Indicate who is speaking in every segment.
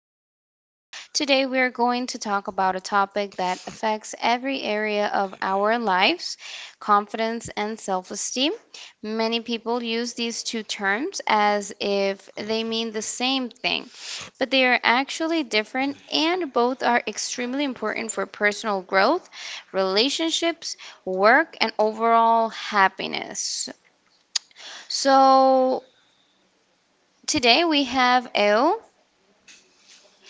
Speaker 1: podcast. Today, we're going to talk about a topic that affects every area of our lives: confidence and self esteem. Many people use these two terms as if they mean the same thing, but they are actually different, and both are extremely important for personal growth, relationships, work, and overall happiness. So, today we have Elle.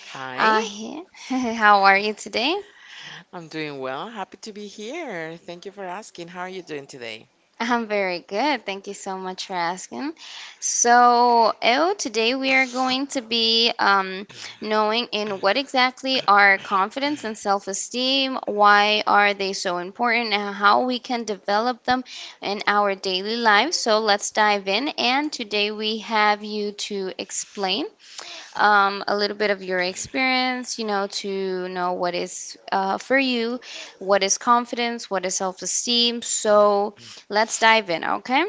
Speaker 2: Hi,
Speaker 1: Uh, he- how are you today?
Speaker 2: I'm doing well. Happy to be here. Thank you for asking. How are you doing today?
Speaker 1: I'm very good. Thank you so much for asking. So, oh, today we are going to be knowing in what exactly are confidence and self-esteem, why are they so important, and how we can develop them in our daily lives. So let's dive in. And today we have you to explain a little bit of your experience, you know, to know what is, for you, what is confidence, what is self esteem. So let's dive in, okay?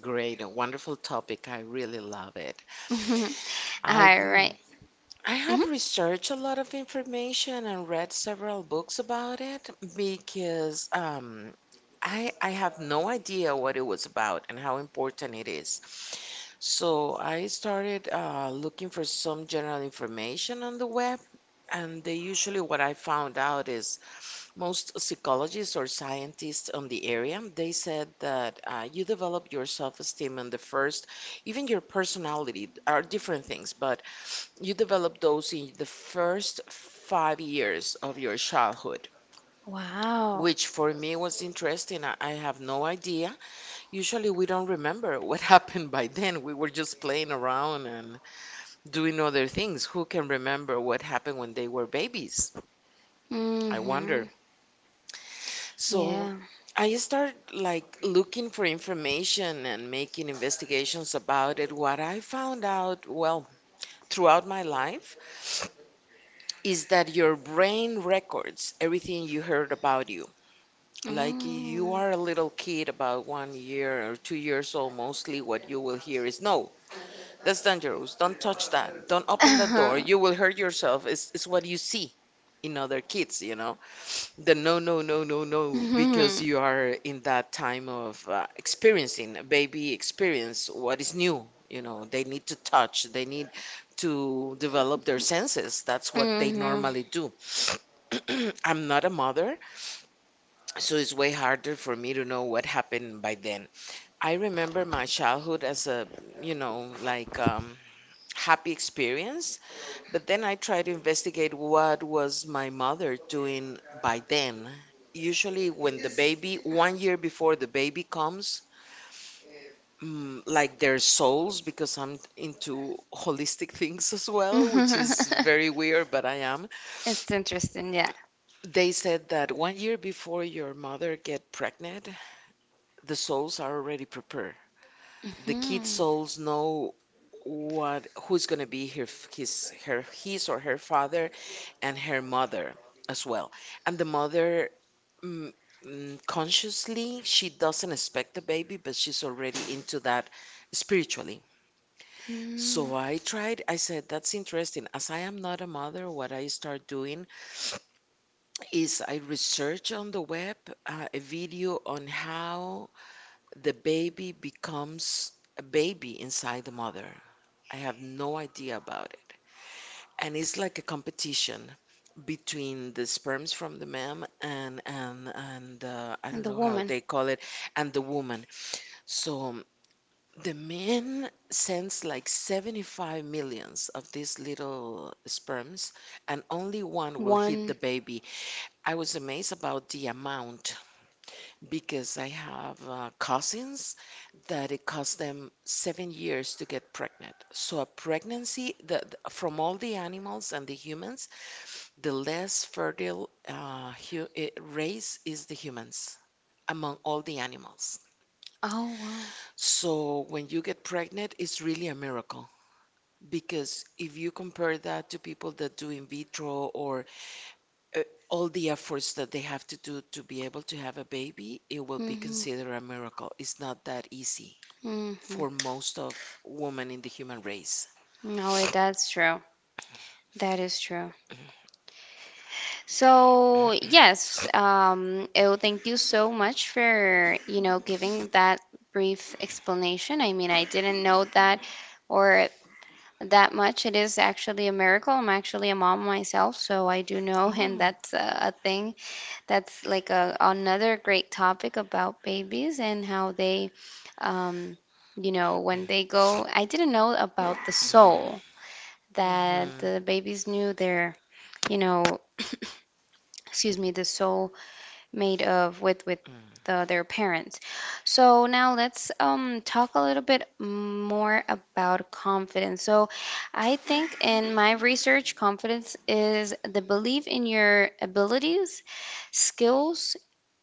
Speaker 2: Great, a wonderful topic. I really love it. I
Speaker 1: All right.
Speaker 2: mm, I
Speaker 1: Mhm.
Speaker 2: have researched a lot of information and read several books about it because I have no idea what it was about and how important it is. So I started looking for some general information on the web, and they usually what I found out is most psychologists or scientists on the area they said that you develop your self-esteem in the first, even your personality are different things, but you develop first 5 years of your childhood,
Speaker 1: Wow.
Speaker 2: which for me was trivia. Usually we don't remember discipline, do remember what they were based. I wonder.
Speaker 1: Mm-hmm.
Speaker 2: So
Speaker 1: Yeah.
Speaker 2: I start like looking for information and making investigations about it. What I found out, well, throughout my life, is that your brain records everything you heard about you. Like you
Speaker 1: Mm.
Speaker 2: are a little kid about 1 year or 2 years old, mostly what you will hear is no, that's dangerous. Don't touch that. Don't open the door.
Speaker 1: Uh-huh.
Speaker 2: You will hurt yourself. It's what you see in other kids. The no, no, no, no, no, because
Speaker 1: Mm-hmm.
Speaker 2: you are in that time of experiencing baby experience what is new. You know, they need to touch, they need to develop their senses. That's what they
Speaker 1: Mm-hmm.
Speaker 2: normally do. I'm not a mother, so it's way harder for me to know what happened by then. I remember my childhood as a, like happy experience, but then I try to investigate what was my mother doing by then. Usually when the baby, 1 year before the baby comes, like their souls, because I'm into holistic things as well, which is very weird, but I am.
Speaker 1: It's interesting, yeah.
Speaker 2: They said that 1 year before your mother get pregnant, the souls are already prepared. The kid's
Speaker 1: Mm-hmm.
Speaker 2: souls know what who's gonna be her his or her father and her mother as well. And the mother, mm, consciously, she doesn't expect the baby, but she's already into that spiritually.
Speaker 1: Mm.
Speaker 2: So I tried, I said, that's interesting. As I am not a mother, what I start doing is I research on the web a video on how the baby becomes a baby inside the mother. I have no idea about it. And it's like a competition between the sperms from the man and I
Speaker 1: And
Speaker 2: don't
Speaker 1: the
Speaker 2: know how
Speaker 1: woman.
Speaker 2: they call it, and the woman. So the man sends like 75 millions of these little sperms, and only one will hit the
Speaker 1: One.
Speaker 2: baby. I was amazed about the amount because I have cousins that it cost them 7 years to get pregnant. So a pregnancy, from all the animals and the humans, the less fertile race is the humans among all the animals.
Speaker 1: Oh, wow.
Speaker 2: So when you get pregnant, it's really a miracle, because if you compare that to people that do in vitro or uh, all the efforts that they have to do to be able to have a baby, it will be
Speaker 1: Mm-hmm.
Speaker 2: considered a miracle. It's not that easy
Speaker 1: Mm-hmm.
Speaker 2: for most of women in the human race.
Speaker 1: No, it, that's true. That is true. So, yes, oh, thank you so much for, you know, giving that brief explanation. I mean, I didn't know that, or that much. It is actually a miracle. I'm actually a mom myself, so I do know, and
Speaker 2: Oh.
Speaker 1: that's a thing. That's like a, another great topic about babies and how they, um, you know, when they go, I didn't know about the soul, that
Speaker 2: Hmm.
Speaker 1: the babies knew their, you know, excuse me, the soul made of with the, their parents. So now let's, talk a little bit more about confidence. So I think in my research, confidence is the belief in your abilities, skills,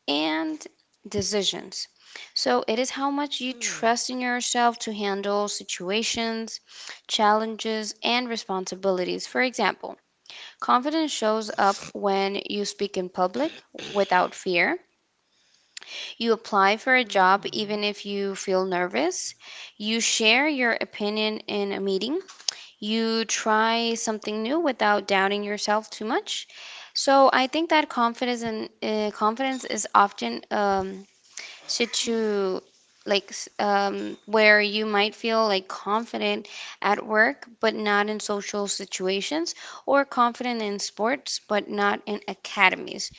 Speaker 1: and decisions. So it is how much you trust in yourself to handle situations, challenges and responsibilities. For example, confidence shows up when you speak in public without fear. You apply for a job even
Speaker 2: Hmm.
Speaker 1: if you feel nervous. You share your opinion in a meeting. You try something new without doubting yourself too much. So I think that confidence is often, Situ, where you might feel like confident at work but not in social situations, or confident in sports but not in academies.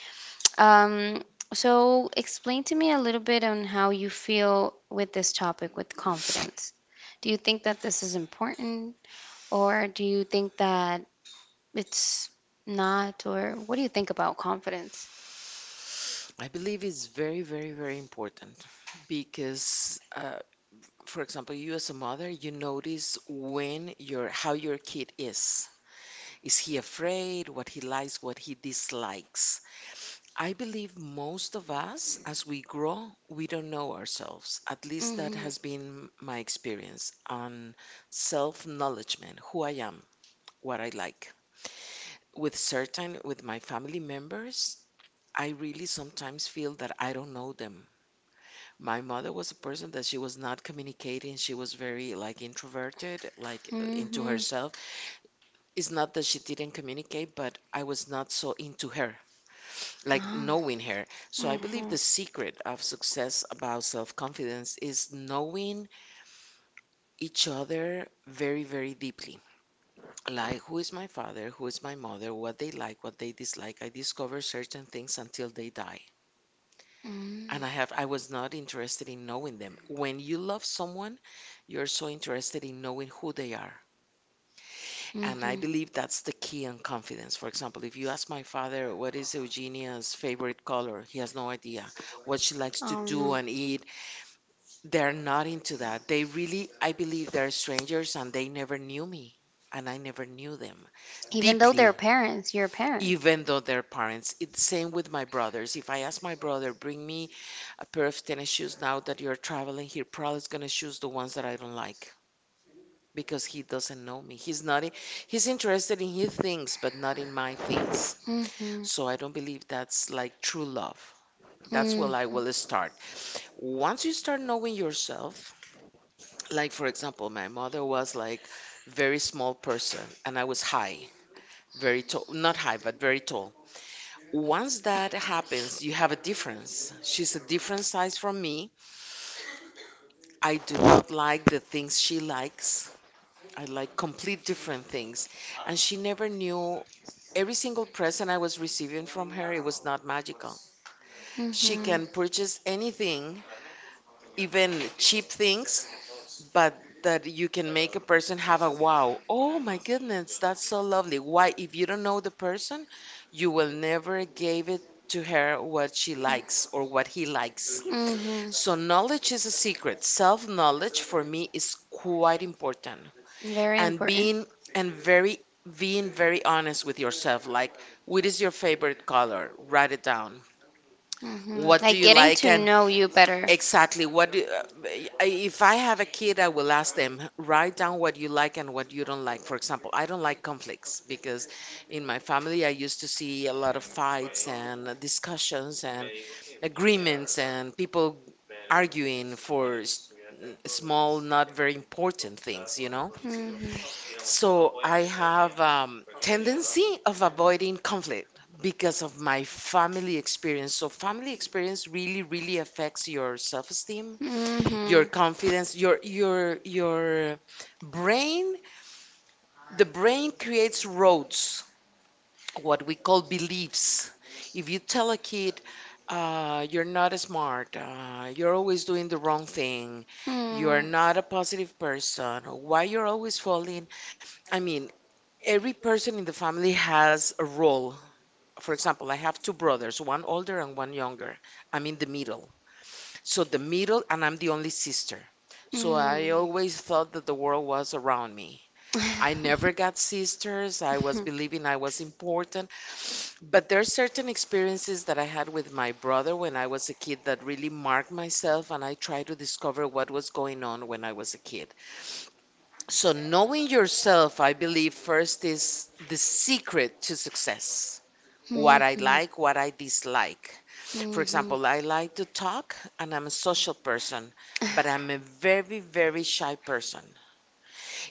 Speaker 1: um, so explain to me a little bit on how you feel with this topic, with confidence. Do you think that this is important, or do you think that it's not? Or what do you think about confidence?
Speaker 2: I believe it's very, very, very important, because, for example, you as a mother, you notice when your how your kid is. Is he afraid? What he likes? What he dislikes? I believe most of us, as we grow, we don't know ourselves. At least that
Speaker 1: Hmm.
Speaker 2: has been my experience on self-knowledgement, who I am, what I like. With my family members, I really sometimes feel that I don't know them. My mother was a person that she was not communicating. She was very like introverted, like into
Speaker 1: Hmm.
Speaker 2: herself. It's not that she didn't communicate, but I was not so into her, like
Speaker 1: Oh,
Speaker 2: knowing her. So I believe
Speaker 1: mhm,
Speaker 2: the secret of success about self-confidence is knowing each other very, very deeply. Like who is my father, who is my mother, what they like, what they dislike. I discover certain things until they die.
Speaker 1: mm.
Speaker 2: And I was not interested in knowing them. When you love someone, you're so interested in knowing who they are. And I
Speaker 1: Mhm.
Speaker 2: believe that's the key on confidence. For example, if you ask my father what is Eugenia's favorite color, he has no idea what she likes to
Speaker 1: Oh
Speaker 2: do
Speaker 1: no.
Speaker 2: and eat. They're not into that. They really, I believe, they're strangers, and they never knew me and I never knew them
Speaker 1: Even though they're
Speaker 2: deeply,
Speaker 1: parents, you're a parent.
Speaker 2: even though they're parents. It's same with my brothers. If I ask my brother, bring me a pair of tennis shoes now that you're traveling, he probably is gonna choose the ones that I don't like because he doesn't know me. He's not, he's interested in his things, but not in my things.
Speaker 1: Mhm.
Speaker 2: So I don't believe that's like true love. That's where I
Speaker 1: Mhm.
Speaker 2: will start. Once you start knowing yourself, like for example, my mother was like very small person and I was high, very tall, not high, but very tall. Once that happens, you have a difference. She's a different size from me. I do not like the things she likes. I like complete different things. And she never knew. Every single present I was receiving from her, it was not magical. She
Speaker 1: Mhm.
Speaker 2: can purchase anything, even cheap things, but that you can make a person have a wow. Oh my goodness, that's so lovely. Why, if you don't know the person, you will never give it to her what she likes or what he likes.
Speaker 1: Mhm.
Speaker 2: So, knowledge is a secret. Self knowledge for me is quite important.
Speaker 1: Very
Speaker 2: And
Speaker 1: important.
Speaker 2: being and very being very honest with yourself, like what is your favorite color? Write it down.
Speaker 1: Mhm.
Speaker 2: What do
Speaker 1: Like
Speaker 2: you
Speaker 1: getting
Speaker 2: like
Speaker 1: to
Speaker 2: and—
Speaker 1: know you better.
Speaker 2: Exactly. What do, b- I- If I have a kid, I will ask them, write down what you like and what you don't like. For example, I don't like conflicts because in my family, I used to see a lot of fights and discussions and agreements and people arguing for small, not very important things, you know?
Speaker 1: Mhm.
Speaker 2: So I have tendency of avoiding conflict because of my family experience. So family experience really, really affects your self-esteem,
Speaker 1: Mhm.
Speaker 2: your
Speaker 1: Mhm.
Speaker 2: confidence, your brain. The brain creates roads, what we call beliefs. If you tell a kid, you're not smart, you're always doing the wrong thing, you're
Speaker 1: Mhm.
Speaker 2: not a positive person, or why you're always falling, I mean, every person in the family has a role. For example, I have two brothers, one older and one younger. I'm in the middle. So the middle, and I'm the only sister. So I
Speaker 1: Mhm.
Speaker 2: always thought that the world was around me. I never got sisters. I was believing I was important. But there are certain experiences that I had with my brother when I was a kid that really marked myself, and I tried to discover what was going on when I was a kid. So, knowing yourself, I believe, first is the secret to success, what I like, what I dislike. For
Speaker 1: Mhm.
Speaker 2: example, I like to talk and I'm a social person,
Speaker 1: Mhm.
Speaker 2: but I'm a very, very shy person.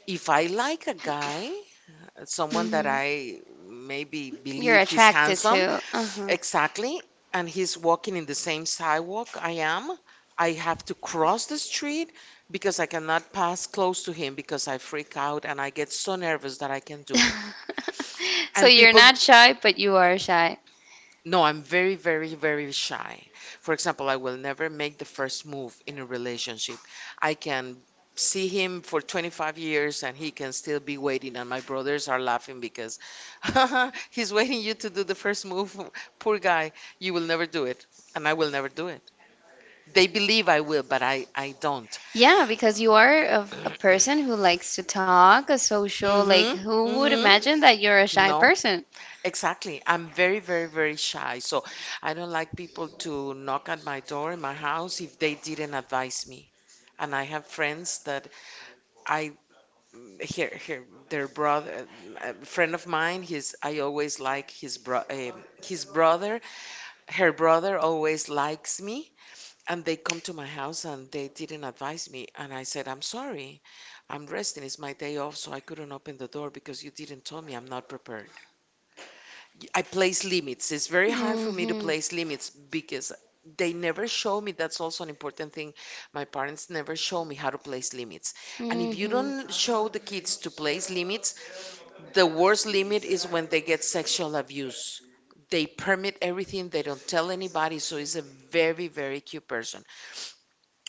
Speaker 2: If I like a guy, someone that I maybe
Speaker 1: You're
Speaker 2: believe he's
Speaker 1: attracted
Speaker 2: handsome,
Speaker 1: to. Uh-huh.
Speaker 2: exactly, and he's walking in the same sidewalk I am, I have to cross the street because I cannot pass close to him, because I freak out and I get so nervous that I can do it.
Speaker 1: So
Speaker 2: And
Speaker 1: you're
Speaker 2: people
Speaker 1: not shy, but you are shy.
Speaker 2: No, I'm very, very, very shy. For example, I will never make the first move in a relationship. I can see him for 25 years and he can still be waiting. And my brothers are laughing because he's waiting you to do the first move. Poor guy, you will never do it. And I will never do it. They believe I will, but I don't.
Speaker 1: Yeah, because you are a person who likes to talk, a social, like
Speaker 2: Mm-hmm.
Speaker 1: who would imagine
Speaker 2: Mm-hmm.
Speaker 1: that you're a shy
Speaker 2: No.
Speaker 1: person?
Speaker 2: Exactly. I'm very, very, very shy. So I don't like people to knock at my door in my house if they didn't advise me. And I have friends that I here, their brother, a friend of mine, his, I always like his bro his brother, her brother always likes me, and they come to my house and they didn't advise me, and I said, I'm sorry, I'm resting, it's my day off, so I couldn't open the door because you didn't tell me, I'm not prepared. I place limits. It's very hard for me to
Speaker 1: Mm-hmm.
Speaker 2: place limits because they never show me. That's also an important thing. My parents never show me how to place limits. And if you
Speaker 1: Mm-hmm.
Speaker 2: don't show the kids to place limits, the worst limit is when they get sexual abuse. They permit everything, they don't tell anybody, so it's a very, very cute person.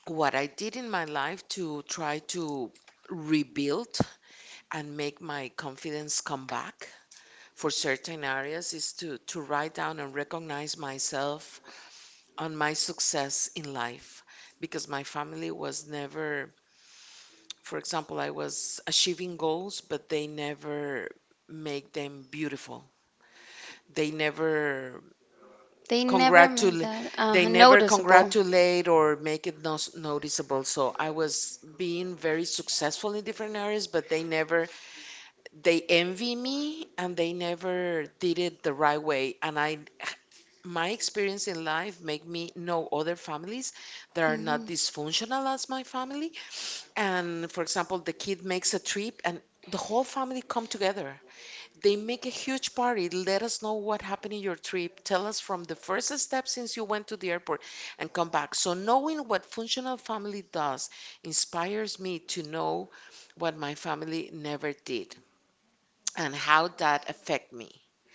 Speaker 2: What I did in my life to try to rebuild and make my confidence come back for certain areas is to write down and recognize myself on my success in life, because my family was never. For example, I was achieving goals but they never make them beautiful, they never
Speaker 1: They never made
Speaker 2: congratulate,
Speaker 1: that, noticeable.
Speaker 2: or make it noticeable, so I was being very successful in different areas but they never, they envy me and they never did it the right way. And I, my experience in life make me know other families that are not
Speaker 1: Hmm.
Speaker 2: dysfunctional as my family. And for example, the kid makes a trip and the whole family come together, they make a huge party. Let us know what happened in your trip, tell us from the first step since you went to the airport and come back. So knowing what functional family does inspires me to know what my family never did and how that affect me.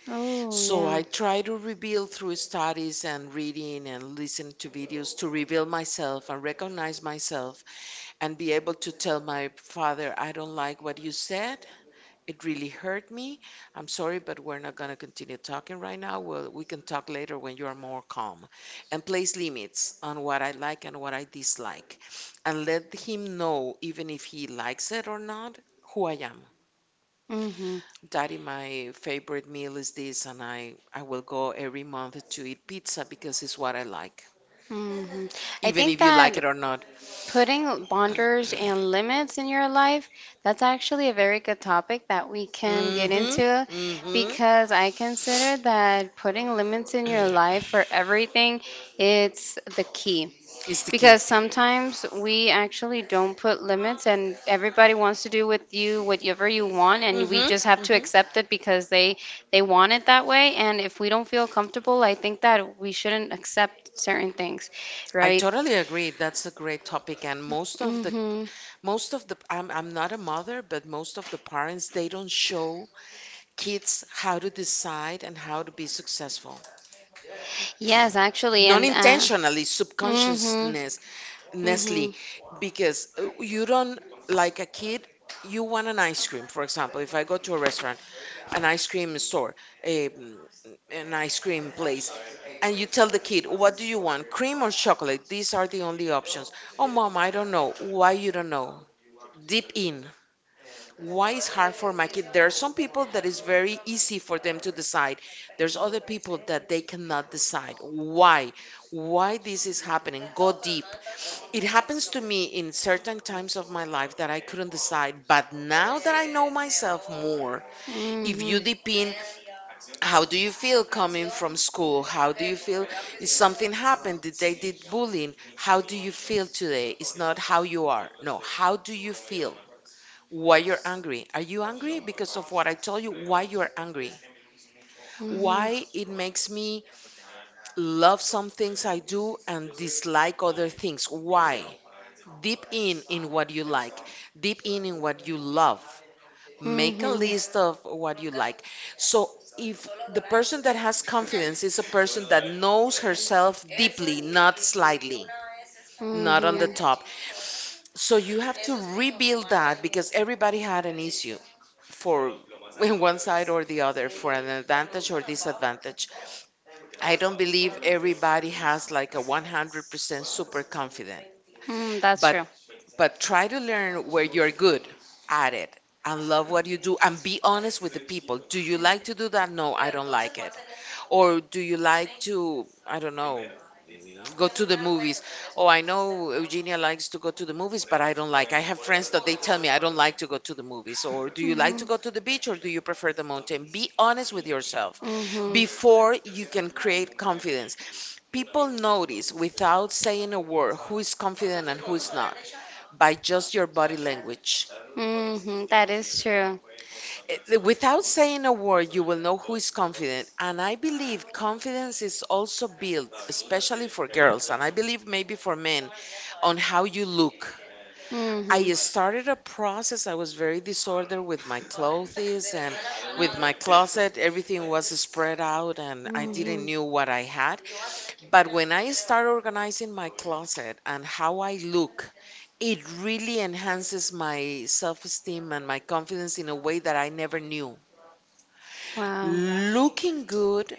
Speaker 1: Oh,
Speaker 2: So I
Speaker 1: yeah.
Speaker 2: try to reveal through studies and reading and listen to videos to reveal myself and recognize myself and be able to tell my father, I don't like what you said. It really hurt me. I'm sorry, but we're not going to continue talking right now. Well, we can talk later when you are more calm. And place limits on what I like and what I dislike. And let him know, even if he likes it or not, who I am.
Speaker 1: Mm-hmm.
Speaker 2: Daddy, my favorite meal is this, and I will go every month to eat pizza because it's what I like,
Speaker 1: Mm-hmm. I
Speaker 2: even
Speaker 1: think
Speaker 2: if you like
Speaker 1: that
Speaker 2: it or not.
Speaker 1: putting boundaries and limits in your life, that's actually a very good topic that we can get
Speaker 2: Mm-hmm.
Speaker 1: into,
Speaker 2: Mm-hmm.
Speaker 1: because I consider that putting limits in your life for everything, it's the key.
Speaker 2: It's the key.
Speaker 1: Because sometimes we actually don't put limits and everybody wants to do with you whatever you want, and we
Speaker 2: Mm-hmm.
Speaker 1: just have to
Speaker 2: Mm-hmm.
Speaker 1: accept it because they want it that way. And if we don't feel comfortable, I think that we shouldn't accept certain things,
Speaker 2: I
Speaker 1: right?
Speaker 2: totally agree. That's a great topic. And most of the
Speaker 1: Mhm.
Speaker 2: I'm not a mother, but most of the parents, they don't show kids how to decide and how to be successful.
Speaker 1: Yes, actually.
Speaker 2: Non
Speaker 1: And
Speaker 2: intentionally,
Speaker 1: mhm.
Speaker 2: subconsciousness. Nestle,
Speaker 1: Mhm.
Speaker 2: because you don't, like a kid, you want an ice cream. For example, if I go to a restaurant, an ice cream store, a, an ice cream place, and you tell the kid, what do you want, cream or chocolate? These are the only options. Oh, mom, I don't know. Why you don't know? Deep in, why it's hard for my kid? There are some people that is very easy for them to decide, there's other people that they cannot decide. Why this is happening? Go deep. It happens to me in certain times of my life that I couldn't decide, but now that I know myself more, if you
Speaker 1: Mhm.
Speaker 2: deep in, how do you feel coming from school? How do you feel if something happened? Did they did bullying? How do you feel today? It's not how you are, no, how do you feel? Why you're angry? Are you angry because of what I told you? Why you're angry?
Speaker 1: Mhm.
Speaker 2: Why it makes me love some things I do and dislike other things? Why? Deep in what you like, deep in what you love.
Speaker 1: Mhm.
Speaker 2: Make a
Speaker 1: Mhm.
Speaker 2: list of what you like. So if the person that has confidence is a person that knows herself deeply, not slightly, not on the top. So you have to rebuild that because everybody had an issue for one side or the other, for an advantage or disadvantage. I don't believe everybody has like a 100% super confident,
Speaker 1: Mm, that's
Speaker 2: but
Speaker 1: true.
Speaker 2: try to learn where you're good at it and love what you do and be honest with the people. Do you like to do that? No, I don't like it. Or do you like to, I don't know, go to the movies. Oh, I know Eugenia likes to go to the movies, but I don't like. I have friends that they tell me I don't like to go to the movies. So, or do you like to
Speaker 1: Mhm.
Speaker 2: go to the beach or do you prefer the mountain? Be honest with yourself
Speaker 1: Mhm.
Speaker 2: before you can create confidence. People notice without saying a word who is confident and who is not by just your body language.
Speaker 1: Mhm. That is true.
Speaker 2: Without saying a word, you will know who is confident. And I believe confidence is also built, especially for girls, and I believe maybe for men, on how you look.
Speaker 1: Hmm.
Speaker 2: I started a process. I was very disordered with my clothes and with my closet. Everything was spread out and I didn't
Speaker 1: Hmm.
Speaker 2: knew what I had. But when I start organizing my closet and how I look, it really enhances my self-esteem and my confidence in a way that I never knew.
Speaker 1: Wow.
Speaker 2: Looking good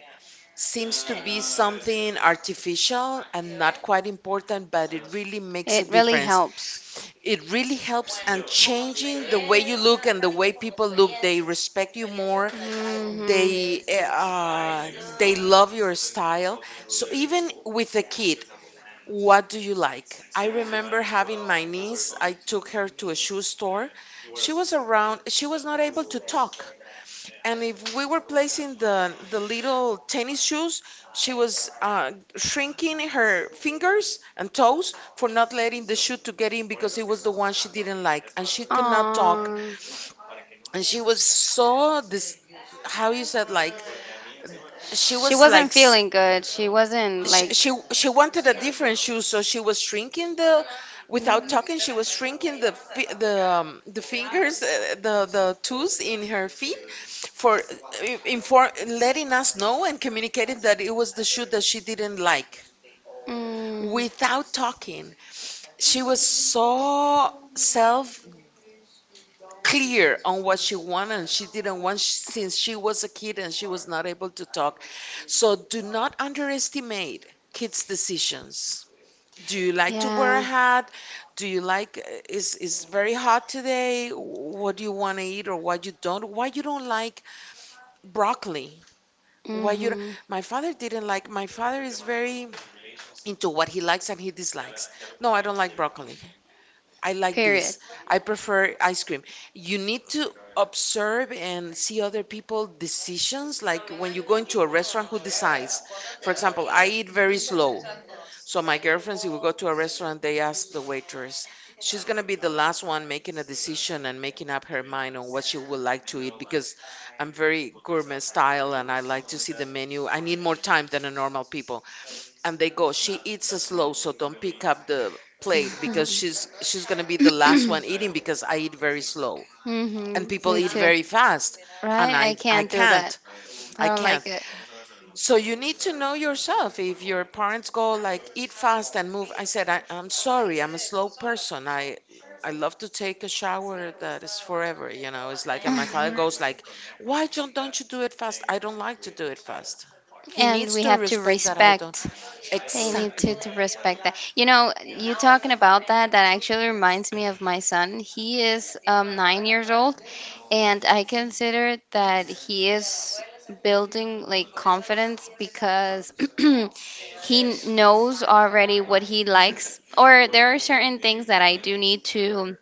Speaker 2: seems to be something artificial and not quite important, but it really makes a
Speaker 1: It really
Speaker 2: difference.
Speaker 1: helps.
Speaker 2: It really helps, and changing the way you look and the way people look, they respect you more,
Speaker 1: Hmm.
Speaker 2: they they love your style. So even with a kid, what do you like? I remember having my niece, I took her to a shoe store. She was around, she was not able to talk. And if we were placing the little tennis shoes, she was shrinking her fingers and toes for not letting the shoe to get in because it was the one she didn't like, and she could not talk.
Speaker 1: Aw.
Speaker 2: And she was so this, how you said, like, she
Speaker 1: She
Speaker 2: was like
Speaker 1: wasn't feeling good. She wasn't
Speaker 2: she,
Speaker 1: like.
Speaker 2: she she wanted a different shoe, so she was shrinking the, without
Speaker 1: Mm,
Speaker 2: talking, she was shrinking the fingers, the toes in her feet, for inform letting us know and communicating that it was the shoe that she didn't like.
Speaker 1: mm,
Speaker 2: Without talking, she was so self clear on what she wanted and she didn't want since she was a kid and she was not able to talk. So do not underestimate kids' decisions. Do you like to wear a
Speaker 1: yeah.
Speaker 2: hat? Do you like is very hot today? What do you want to eat or what you don't? Why you don't like broccoli? Why you don't?
Speaker 1: Hmm.
Speaker 2: My father didn't like, my father is very into what he likes and he dislikes. No, I don't like broccoli. I like
Speaker 1: Period.
Speaker 2: this. I prefer ice cream. You need to observe and see other people decisions, like when you go into a restaurant, who decides. For example, I eat very slow. So my girlfriends, if we go to a restaurant, they ask the waitress. She's gonna be the last one making a decision and making up her mind on what she would like to eat because I'm very gourmet style and I like to see the menu. I need more time than a normal people. And they go, she eats slow, so don't pick up the plate because she's gonna be the last one eating because I eat very slow, and
Speaker 1: Hmm.
Speaker 2: people
Speaker 1: Me
Speaker 2: eat
Speaker 1: too.
Speaker 2: very fast, and
Speaker 1: Right?
Speaker 2: I
Speaker 1: I
Speaker 2: I
Speaker 1: can't do that.
Speaker 2: can't.
Speaker 1: I
Speaker 2: I
Speaker 1: don't
Speaker 2: can't.
Speaker 1: like it.
Speaker 2: So you need to know yourself. If your parents go like eat fast and move, I said, I'm sorry, I'm a slow person. I love to take a shower that is forever. It's like, and my father goes like, why John, don't you do it fast? I don't like to do it fast. He
Speaker 1: And
Speaker 2: needs
Speaker 1: we
Speaker 2: to
Speaker 1: have to
Speaker 2: respect that I don't.
Speaker 1: respect. They need
Speaker 2: Exactly.
Speaker 1: to respect that. You know, you talking about that, that actually reminds me of my son. He is, 9 years old, and I consider that he is building like confidence, because he knows already what he likes. Or there are certain things that I do need to,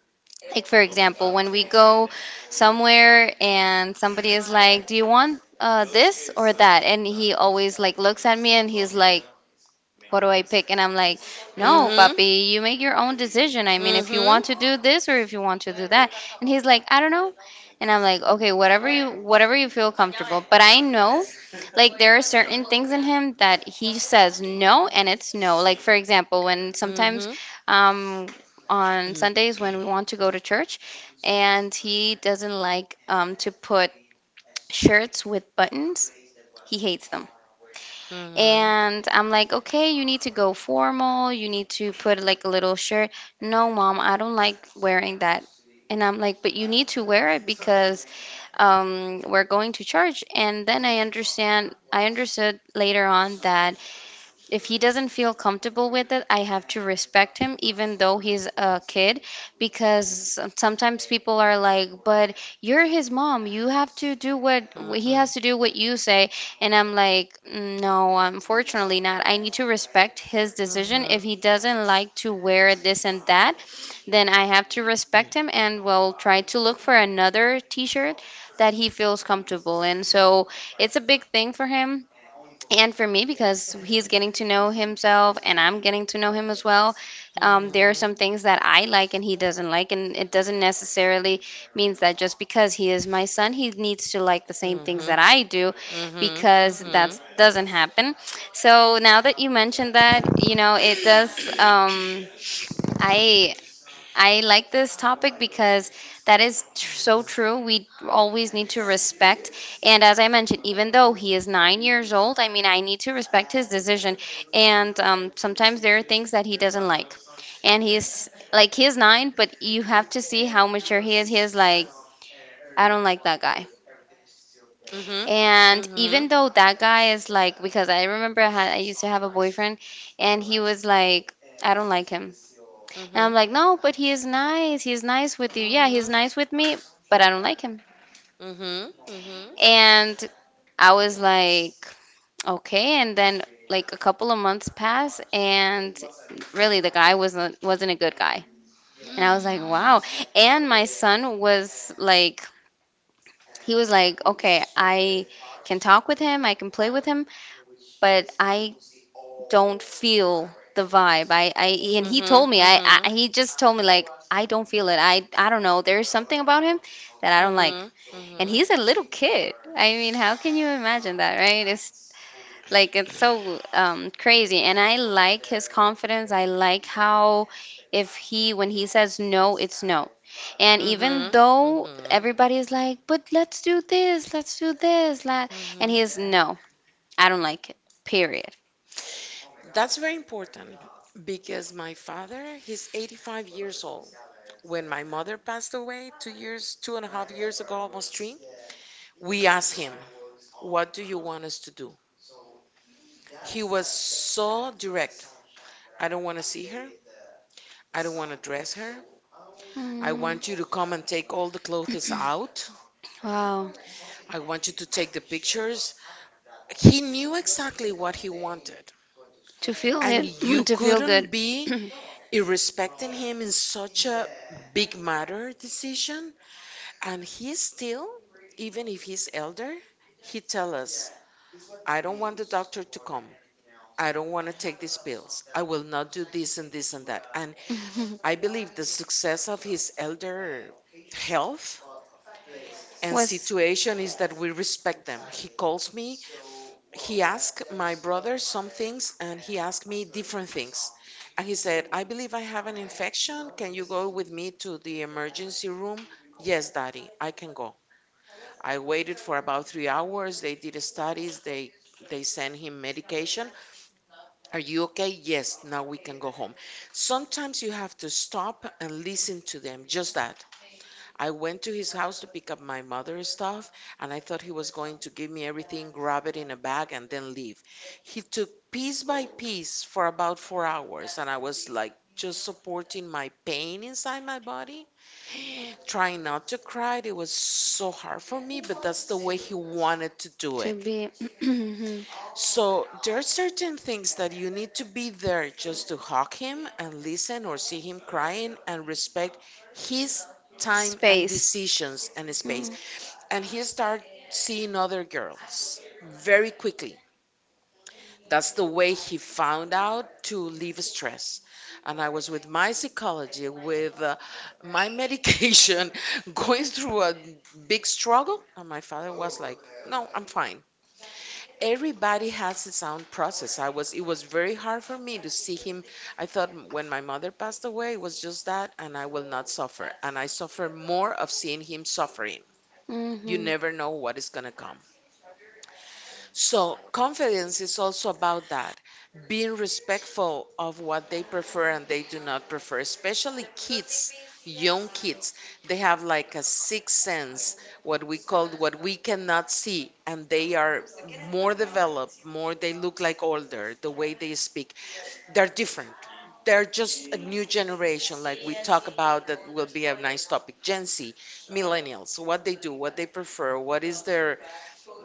Speaker 1: like, for example, when we go somewhere and somebody is like, "Do you want, this or that?" And he always like looks at me and he's like, "What do I pick?" And I'm like, "No,
Speaker 2: Mm-hmm.
Speaker 1: papi, you make your own decision. I mean, if you
Speaker 2: Mm-hmm.
Speaker 1: want to do this or if you want to do that." And he's like, "I don't know." And I'm like, "Okay, whatever you, whatever you feel comfortable." But I know, like, there are certain things in him that he says no, and it's no. Like for example, when sometimes,
Speaker 2: Mm-hmm.
Speaker 1: um, on Sundays when we want to go to church, and he doesn't like, to put shirts with buttons. He hates them.
Speaker 2: Mm-hmm. Mm-hmm.
Speaker 1: And I'm like, "Okay, you need to go formal. You need to put like a little shirt." "No, mom, I don't like wearing that." And I'm like, "But you need to wear it because, we're going to church." And then I understand, I understood later on that if he doesn't feel comfortable with it, I have to respect him, even though he's a kid, because sometimes people are like, "But you're his mom. You have to do what he has to do what you say." And I'm like, "No, unfortunately not. I need to respect his decision.
Speaker 2: Mm-hmm.
Speaker 1: If he doesn't like to wear this and that, then I have to respect him, and will try to look for another t-shirt that he feels comfortable in." So, it's a big thing for him and for me, because he's getting to know himself and I'm getting to know him as well.
Speaker 2: Mm-hmm.
Speaker 1: There
Speaker 2: Mm-hmm.
Speaker 1: are some things that I like and he doesn't like. And it doesn't necessarily means that just because he is my son, he needs to like the same things
Speaker 2: Mm-hmm.
Speaker 1: that I do,
Speaker 2: Mm-hmm.
Speaker 1: because
Speaker 2: mm-hmm.
Speaker 1: that doesn't happen. So now that you mentioned that, you know, it does. I I like this topic because that is, so true. We always need to respect. And as I mentioned, even though he is 9 years old, I mean, I need to respect his decision. And, sometimes there are things that he doesn't like. And he is like, he is nine, but you have to see how mature he is. He is like, "I don't like that guy."
Speaker 2: Mhm.
Speaker 1: And
Speaker 2: Mhm.
Speaker 1: even though that guy is like, because I remember, I used to have a boyfriend, and he was like, "I don't like him." And I'm
Speaker 2: Mhm.
Speaker 1: like, "No, but he is nice. He's nice with you." "Yeah, he's
Speaker 2: Mhm.
Speaker 1: nice with me, but I don't like him."
Speaker 2: Mhm. Mhm.
Speaker 1: And I was like, okay. And then, like a couple of months pass, and really the guy wasn't a good guy. And I was like, wow. And my son was like, he was like, "Okay, I can talk with him, I can play with him, but I don't feel the vibe. I and he
Speaker 2: Mhm.
Speaker 1: told me,
Speaker 2: Mhm.
Speaker 1: I
Speaker 2: Mhm.
Speaker 1: he just told me like I don't feel it. I don't know. There's something about him that I don't like." And
Speaker 2: Mhm.
Speaker 1: he's a little kid. I mean, how can you imagine that, right? It's like it's so, crazy. And I like his confidence. I like how, if he, when he says no, it's no. And even
Speaker 2: Mhm.
Speaker 1: though
Speaker 2: Mhm.
Speaker 1: everybody's like, "But let's do this, la-" and
Speaker 2: Mhm.
Speaker 1: he is no, I don't like it. Period.
Speaker 2: That's very important because my father, he's 85 years old. When my mother passed away 2 years, 2.5 years ago, almost three, we asked him, what do you want us to do? He was so direct. I don't want to see her. I don't want to dress her. I
Speaker 1: Mm,
Speaker 2: want you to come and take all the clothes out.
Speaker 1: wow.
Speaker 2: I want you to take the pictures. He knew exactly what he wanted.
Speaker 1: To feel
Speaker 2: And
Speaker 1: him,
Speaker 2: you
Speaker 1: to feel
Speaker 2: couldn't
Speaker 1: good,
Speaker 2: be irrespecting him in such a big matter decision. And he still, even if he's elder, he tell us, I don't want the doctor to come. I don't want to take these pills. I will not do this and this and that. And I believe the success of his elder health and
Speaker 1: was
Speaker 2: situation is that we respect them. He calls me, he asked my brother some things and he asked me different things. And he said, I believe I have an infection. Can you go with me to the emergency room? Yes, daddy, I can go. I waited for about 3 hours. They did studies, they send him medication. Are you okay? Yes, now we can go home. Sometimes you have to stop and listen to them, just that. I went to his house to pick up my mother's stuff, and I thought he was going to give me everything, grab it in a bag, and then leave. He took piece by piece for about 4 hours, and I was like just supporting my pain inside my body, trying not to cry. It was so hard for me, but that's the way he wanted to do
Speaker 1: to
Speaker 2: it.
Speaker 1: be
Speaker 2: So there are certain things that you need to be there just to hug him and listen or see him crying and respect his time and
Speaker 1: space.
Speaker 2: decisions and space, and he started seeing other girls very quickly. That's the way he found out to leave stress. And I was with my psychology, with my medication, going through a big struggle. And my father was like, "No, I'm fine." Everybody has his own process. It was very hard for me to see him. I thought when my mother passed away, it was just that, and I will not suffer. And I suffer more of seeing him suffering.
Speaker 1: Mm,
Speaker 2: You
Speaker 1: mhm,
Speaker 2: never know what is going to come. So, confidence is also about that, being respectful of what they prefer and they do not prefer, especially kids, young kids. They have like a sixth sense, what we call what we cannot see, and they are more developed, more they look like older, the way they speak. They're different. They're just a new generation, like we talk about, that will be a nice topic. Gen Z, millennials, what they do, what they prefer, what is their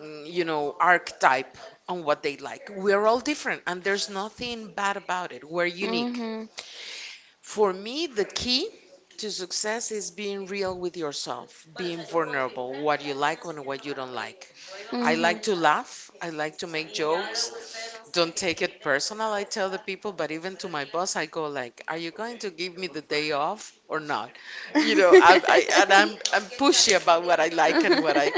Speaker 2: archetype on what they like. We're all different, and there's nothing bad about it. We're unique.
Speaker 1: mhm,
Speaker 2: For me, the key to success is being real with yourself, being vulnerable, what you like and what you don't like. I
Speaker 1: mhm.
Speaker 2: like to laugh. I like to make jokes. Don't take it personal, I tell the people, but even to my boss, I go like, "Are you going to give me the day off or not?" I and I'm pushy about what I like and what I,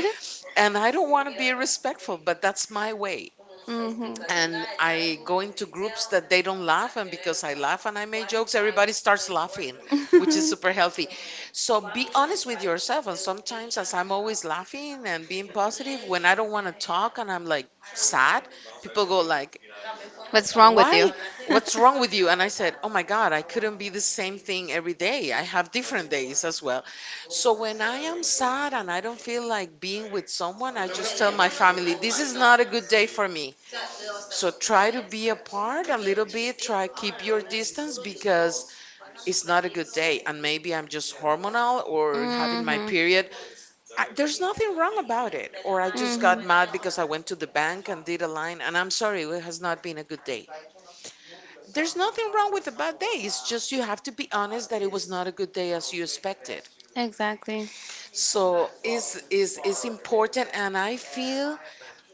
Speaker 2: and I don't want to be respectful, but that's my way,
Speaker 1: Mhm.
Speaker 2: and I go into groups that they don't laugh, and because I laugh and I make jokes, everybody starts laughing, which is super healthy. So be honest with yourself. And sometimes, as I'm always laughing and being positive, when I don't want to talk and I'm like sad, people go like,
Speaker 1: What's wrong with you?
Speaker 2: "Why? What's wrong with you?" And I said, "Oh my God, I couldn't be the same thing every day. I have different days as well." So when I am sad and I don't feel like being with someone, I just tell my family, "This is not a good day for me. So try to be apart a little bit, try keep your distance because it's not a good day, and maybe I'm just hormonal or having my
Speaker 1: Mhm,
Speaker 2: period. There's nothing wrong about it. Or I just got
Speaker 1: mhm.
Speaker 2: mad because I went to the bank and did a line, and I'm sorry, it has not been a good day." There's nothing wrong with a bad day. It's just you have to be honest that it was not a good day as you expected.
Speaker 1: Exactly.
Speaker 2: So it's important, and I feel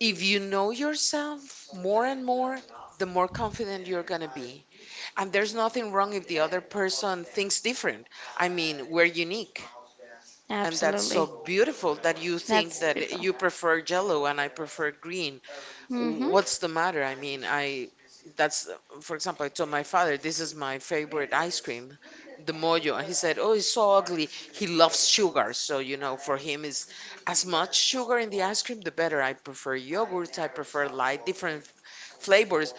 Speaker 2: if you know yourself more and more, the more confident you're going to be. And there's nothing wrong if the other person thinks different. I mean, we're unique. And that's so
Speaker 1: Absolutely.
Speaker 2: beautiful that you think
Speaker 1: That's
Speaker 2: that
Speaker 1: beautiful.
Speaker 2: you prefer yellow and I prefer green.
Speaker 1: Hmm.
Speaker 2: What's the matter? I mean, I that's For example, I told my father, "This is my favorite ice cream, the mojo," and he said, "Oh, it's so ugly." He loves sugar, so you know, for him is as much sugar in the ice cream the better. I prefer yogurt, I prefer light different flavors,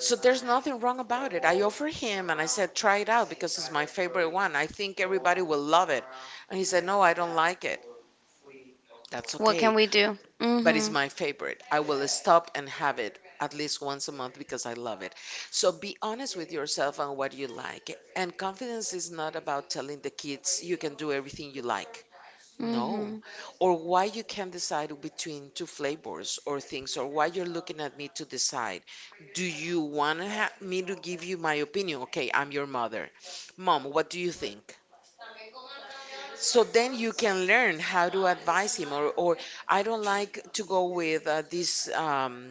Speaker 2: so there's nothing wrong about it. I offered him and I said, "Try it out because it's my favorite one. I think everybody will love it." And he said, "No, I don't like it." That's
Speaker 1: What
Speaker 2: okay,
Speaker 1: can we do?
Speaker 2: but it's
Speaker 1: Hmm.
Speaker 2: my favorite. I will stop and have it at least once a month because I love it. So be honest with yourself on what you like. And confidence is not about telling the kids you can do everything you like. No.
Speaker 1: Hmm.
Speaker 2: Or why you can't decide between two flavors or things, or why you're looking at me to decide. Do you want to ha me to give you my opinion? Okay, I'm your mother. "Mom, what do you think?" So then you can learn how to advise him, or, "I don't like to go with this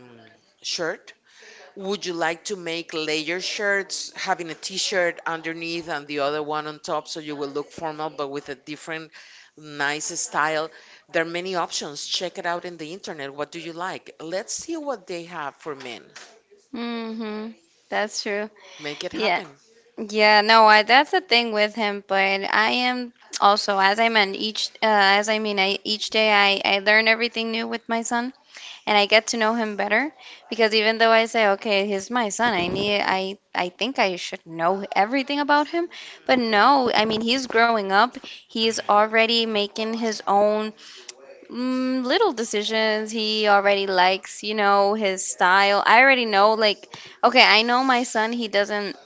Speaker 2: shirt. Would you like to make layer shirts, having a t-shirt underneath and the other one on top so you will look formal but with a different nice style? There are many options. Check it out in the internet. What do you like? Let's see what they have for men.
Speaker 1: Hmm. That's true.
Speaker 2: Make it
Speaker 1: Yeah.
Speaker 2: happen."
Speaker 1: Yeah, no, I, that's the thing with him, but I am also, as I mean, I, each day I learn everything new with my son. And I get to know him better, because even though I say, okay, he's my son, I need, I think I should know everything about him. But no, I mean, he's growing up. He's already making his own, little decisions. He already likes, you know, his style. I already know, like, okay, I know my son, he doesn't,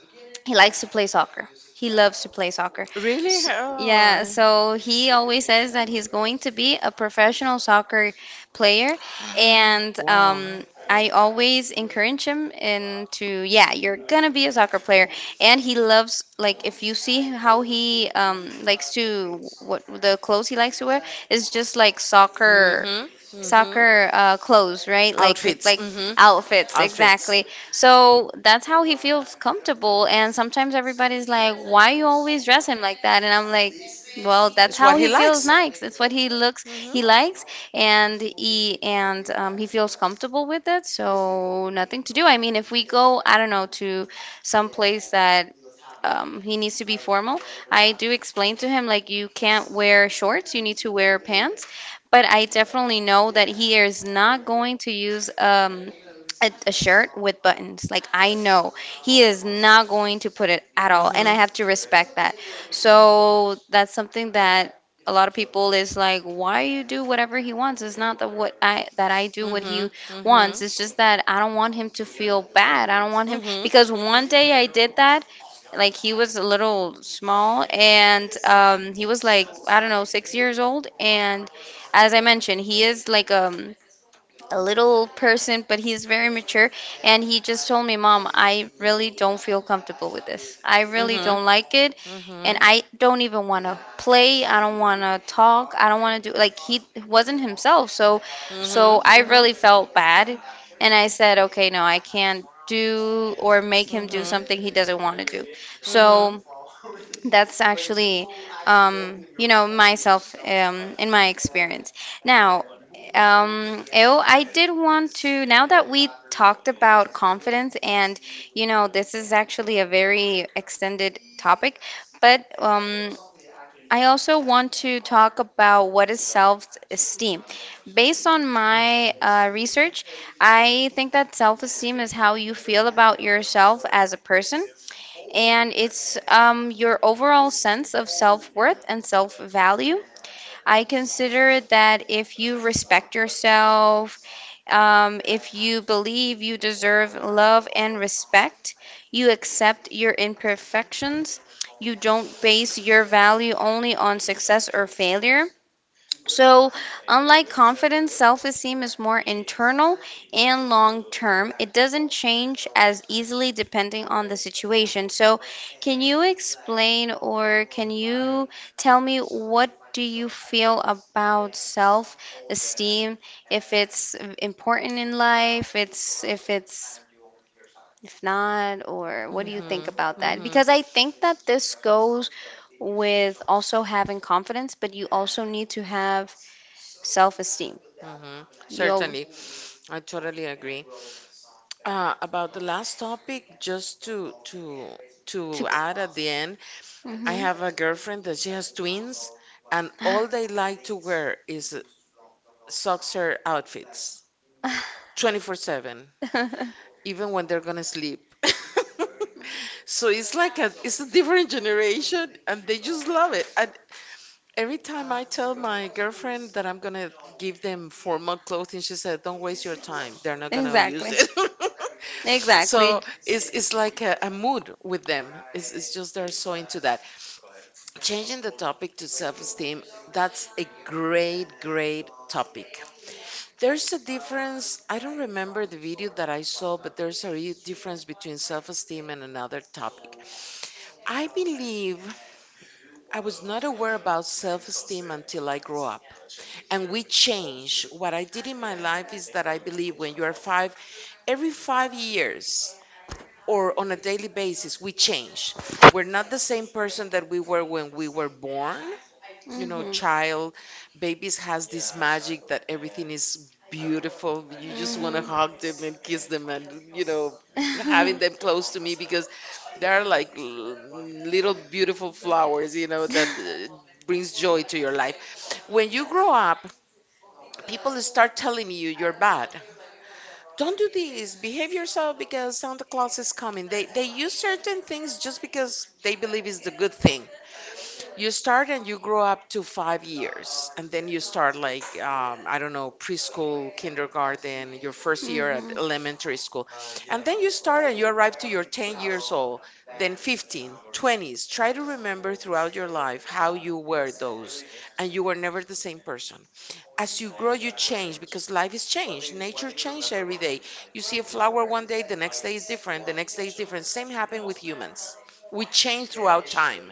Speaker 1: he likes to play soccer. He loves to play soccer.
Speaker 2: Really?
Speaker 1: S Yeah,
Speaker 2: Oh.
Speaker 1: so he always says that he's going to be a professional soccer player, and,
Speaker 2: Wow.
Speaker 1: I always encourage him into, yeah, you're gonna be a soccer player. And he loves, like, if you see how he, likes to, what the clothes he likes to wear is just like soccer,
Speaker 2: Mm-hmm. Mm-hmm.
Speaker 1: clothes, right? Like
Speaker 2: Outfits.
Speaker 1: like
Speaker 2: Mm-hmm.
Speaker 1: outfits,
Speaker 2: Outfits.
Speaker 1: exactly. So that's how he feels comfortable. And sometimes everybody's like, "Why you always dress him like that?" And I'm like, "Well, that's
Speaker 2: It's what
Speaker 1: how
Speaker 2: he
Speaker 1: he feels
Speaker 2: likes.
Speaker 1: nice. It's what he looks he
Speaker 2: Mm-hmm.
Speaker 1: likes, and he feels comfortable with it. So nothing to do. I mean, if we go, I don't know, to some place that." He needs to be formal. I do explain to him like you can't wear shorts, you need to wear pants but I definitely know that he is not going to use a shirt with buttons. Like, I know he is not going to put it at all. And I
Speaker 2: Mm-hmm.
Speaker 1: have to respect that. So that's something that a lot of people is like, why you do whatever he wants? It's not that what I that I do what he
Speaker 2: Mhm.
Speaker 1: wants.
Speaker 2: Mhm.
Speaker 1: It's just that I don't want him to feel bad. I don't want him
Speaker 2: Mhm.
Speaker 1: because
Speaker 2: Mhm.
Speaker 1: one day I did that like he was a little small and he was like I don't know 6 years old and as I mentioned, he is like a little person, but he's very mature. And he just told me, Mom, I really don't feel comfortable with this. I really
Speaker 2: Mhm.
Speaker 1: don't like it. And
Speaker 2: Mhm.
Speaker 1: I don't even want to play. I don't want to talk. I don't want to do like he wasn't himself. So I
Speaker 2: Mhm.
Speaker 1: really felt bad. And I said, okay, no, I can't do or make him do
Speaker 2: Mhm.
Speaker 1: something he doesn't want to do.
Speaker 2: Mhm. Mhm.
Speaker 1: So that's actually, you know, myself in my experience. Now, oh, I did want to, now that we talked about confidence, and, you know, this is actually a very extended topic, but I also want to talk about what is self-esteem. Based on my research, I think that self-esteem is how you feel about yourself as a person and it's your overall sense of self worth and self value. I consider that if you respect yourself, if you believe you deserve love and respect, you accept your imperfections, you don't base your value only on success or failure, so, unlike confidence, self esteem is more internal and long term. It doesn't change as easily depending on the situation. So, can you explain or can you tell me what do you feel about self esteem? If it's important in life, it's if not, or what do you think
Speaker 2: Mhm.
Speaker 1: about that?
Speaker 2: Mhm.
Speaker 1: Because I think that this goes with also having confidence, but you also need to have self-esteem.
Speaker 2: Mm-hmm.
Speaker 1: You'll
Speaker 2: Certainly. I totally agree. About the last topic, just to to
Speaker 1: to
Speaker 2: to add at the end, I
Speaker 1: mm-hmm.
Speaker 2: have a girlfriend that she has twins, and all they like to wear is soccer outfits, 24/7, even when they're gonna sleep. So it's like a, it's a different generation, and they just love it. And every time I tell my girlfriend that I'm gonna give them formal clothing, she said, "Don't waste your time. They're not gonna use
Speaker 1: Exactly.
Speaker 2: it."
Speaker 1: Exactly.
Speaker 2: So it's like a mood with them. It's just they're so into that. Changing the topic to self-esteem, that's a great, great topic. There's a difference. I don't remember the video that I saw, but there's a real difference between self-esteem and another topic. I believe I was not aware about self-esteem until I grew up, and we change. What I did in my life is that I believe when you are five, every 5 years or on a daily basis, we change. We're not the same person that we were when we were born. You know,
Speaker 1: Mm-hmm.
Speaker 2: child, babies has this magic that everything is beautiful. You just want to
Speaker 1: Mm-hmm.
Speaker 2: hug them and kiss them and, you know, having them close to me because they're like little beautiful flowers, you know, that brings joy to your life. When you grow up, people start telling you you're bad. Don't do this. Behave yourself because Santa Claus is coming. They use certain things just because they believe it's the good thing. You start and you grow up to 5 years, and then you start like I don't know, preschool, kindergarten, your first
Speaker 1: Mm-hmm.
Speaker 2: year at
Speaker 1: Mm-hmm.
Speaker 2: elementary school, and then you start and you arrive to your 10 years old, then 15, twenties. Try to remember throughout your life how you were those, and you were never the same person. As you grow, you change, because life is changed, nature changes every day. You see a flower one day, the next day is different, the next day is different. Same happened with humans, we change throughout time.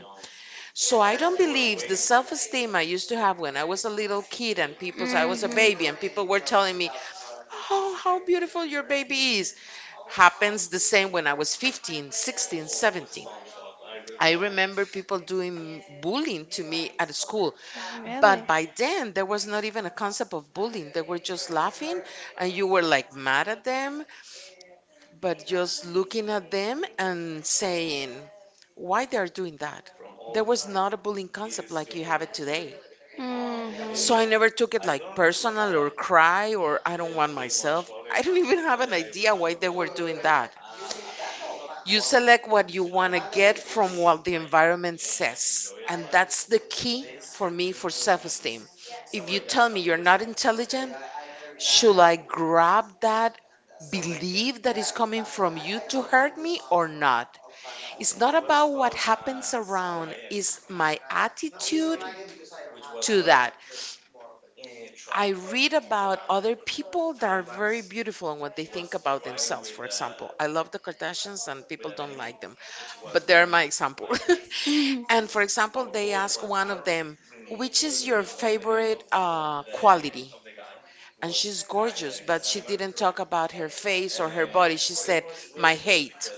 Speaker 2: So I don't believe the self-esteem I used to have when I was a little kid and people, I was a baby and people were telling me, "Oh, how beautiful your baby is," happens the same when I was 15, 16, 17. I remember people doing bullying to me at school.
Speaker 1: Really?
Speaker 2: But by then, there was not even a concept of bullying. They were just laughing, and you were like mad at them, but just looking at them and saying, why they're doing that. There was not a bullying concept like you have it today. So I never took it like personal or
Speaker 1: Mm-hmm.
Speaker 2: cry or I don't want myself. I don't even have an idea why they were doing that. You select what you want to get from what the environment says. And that's the key for me for self esteem. If you tell me you're not intelligent, should I grab that belief that is coming from you to hurt me or not? It's not about what happens around, it's my attitude to that. I read about other people that are very beautiful and what they think about themselves. For example, I love the Kardashians and people don't like them, but they're my example. And for example, they ask one of them, "Which is your favorite quality?" And she's gorgeous, but she didn't talk about her face or her body. She said, "My height.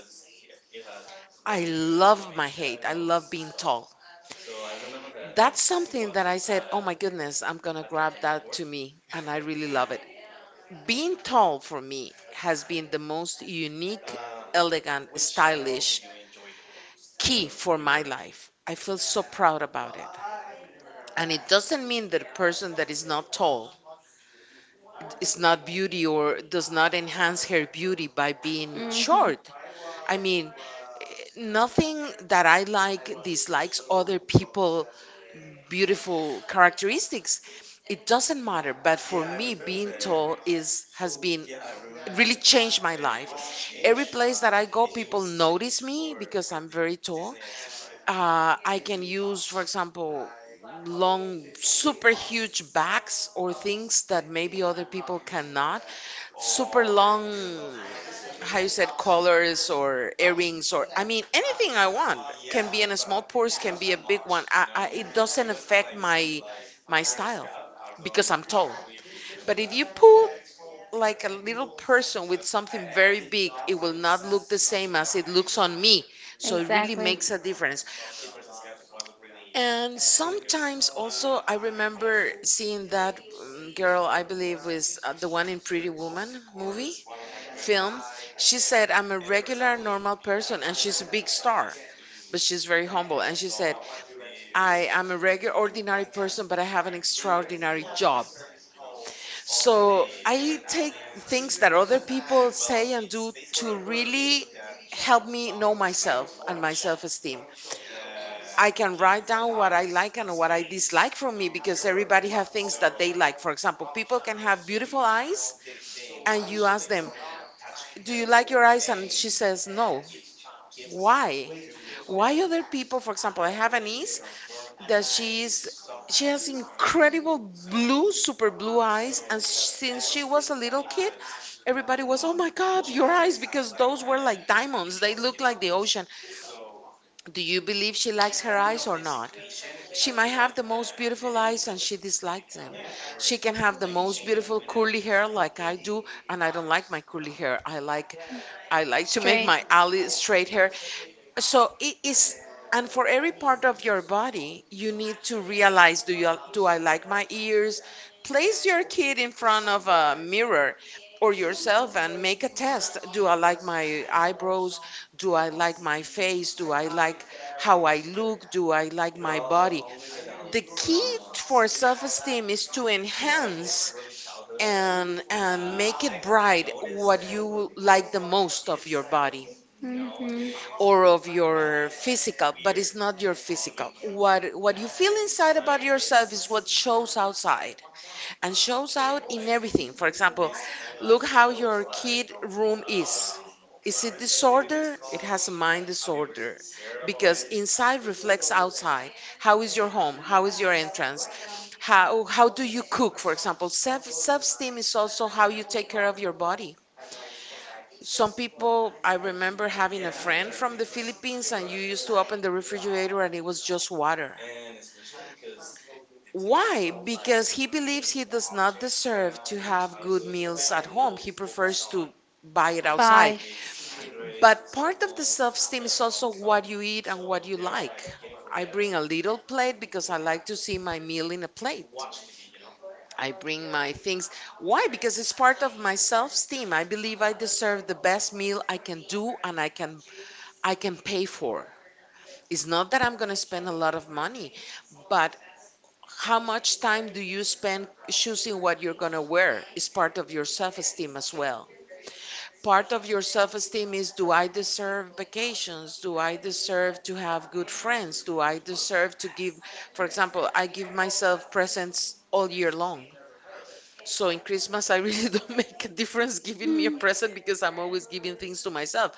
Speaker 2: I love my height. I love being tall." That's something that I said, "Oh my goodness, I'm gonna grab that to me." And I really love it. Being tall for me has been the most unique, elegant, stylish key for my life. I feel so proud about it. And it doesn't mean that a person that is not tall is not beauty or does not enhance her beauty by being
Speaker 1: Mm-hmm.
Speaker 2: short. I mean, nothing that I like dislikes other people beautiful characteristics. It doesn't matter, but for me being tall is has been really changed my life. Every place that I go, people notice me because I'm very tall. I can use, for example, long, super huge bags or things that maybe other people cannot. Super long, how you said, collars or earrings or, anything I want can be in a small purse, can be a big one. It doesn't affect my style because I'm tall. But if you pull like a little person with something very big, it will not look the same as it looks on me. So it really
Speaker 1: Exactly.
Speaker 2: makes a difference. And sometimes also, I remember seeing that girl, I believe, was the one in Pretty Woman movie film. She said, I'm a regular, normal person, and she's a big star, but she's very humble. And she said, I am a regular, ordinary person, but I have an extraordinary job. So I take things that other people say and do to really help me know myself and my self-esteem. I can write down what I like and what I dislike from me because everybody have things that they like. For example, people can have beautiful eyes and you ask them, "Do you like your eyes?" And she says, "No." Why? Why other people, for example, I have a niece that she's she has incredible blue, super blue eyes, and since she was a little kid, everybody was, "Oh my God, your eyes!" Because those were like diamonds. They looked like the ocean. Do you believe she likes her eyes or not? She might have the most beautiful eyes and she dislikes them. She can have the most beautiful curly hair like I do, and I don't like my curly hair. I like to make
Speaker 1: Straight.
Speaker 2: my alley straight hair. So it is, and for every part of your body, you need to realize do I like my ears? Place your kid in front of a mirror or yourself and make a test. Do I like my eyebrows? Do I like my face? Do I like how I look? Do I like my body? The key for self-esteem is to enhance and make it bright what you like the most of your body
Speaker 1: Hmm.
Speaker 2: or of your physical, but it's not your physical. What you feel inside about yourself is what shows outside and shows out in everything. For example, look how your kid room is. Is it disorder? It has a mind disorder because inside reflects outside. How is your home? How is your entrance? How do you cook? For example, self-esteem is also how you take care of your body some people, I remember having a friend from the Philippines, and you used to open the refrigerator and it was just water. Why? Because he believes he does not deserve to have good meals at home. He prefers to buy it outside.
Speaker 1: Bye.
Speaker 2: But part of the self-esteem is also what you eat and what you like. I bring a little plate because I like to see my meal in a plate. I bring my things. Why? Because it's part of my self-esteem. I believe I deserve the best meal I can do and I can pay for. It's not that I'm going to spend a lot of money, but how much time do you spend choosing what you're going to wear is part of your self esteem as well. Part of your self esteem is do I deserve vacations? Do I deserve to have good friends? Do I deserve to give, for example, I give myself presents all year long. So in Christmas, I really don't make a difference giving me a present because I'm always giving things to myself.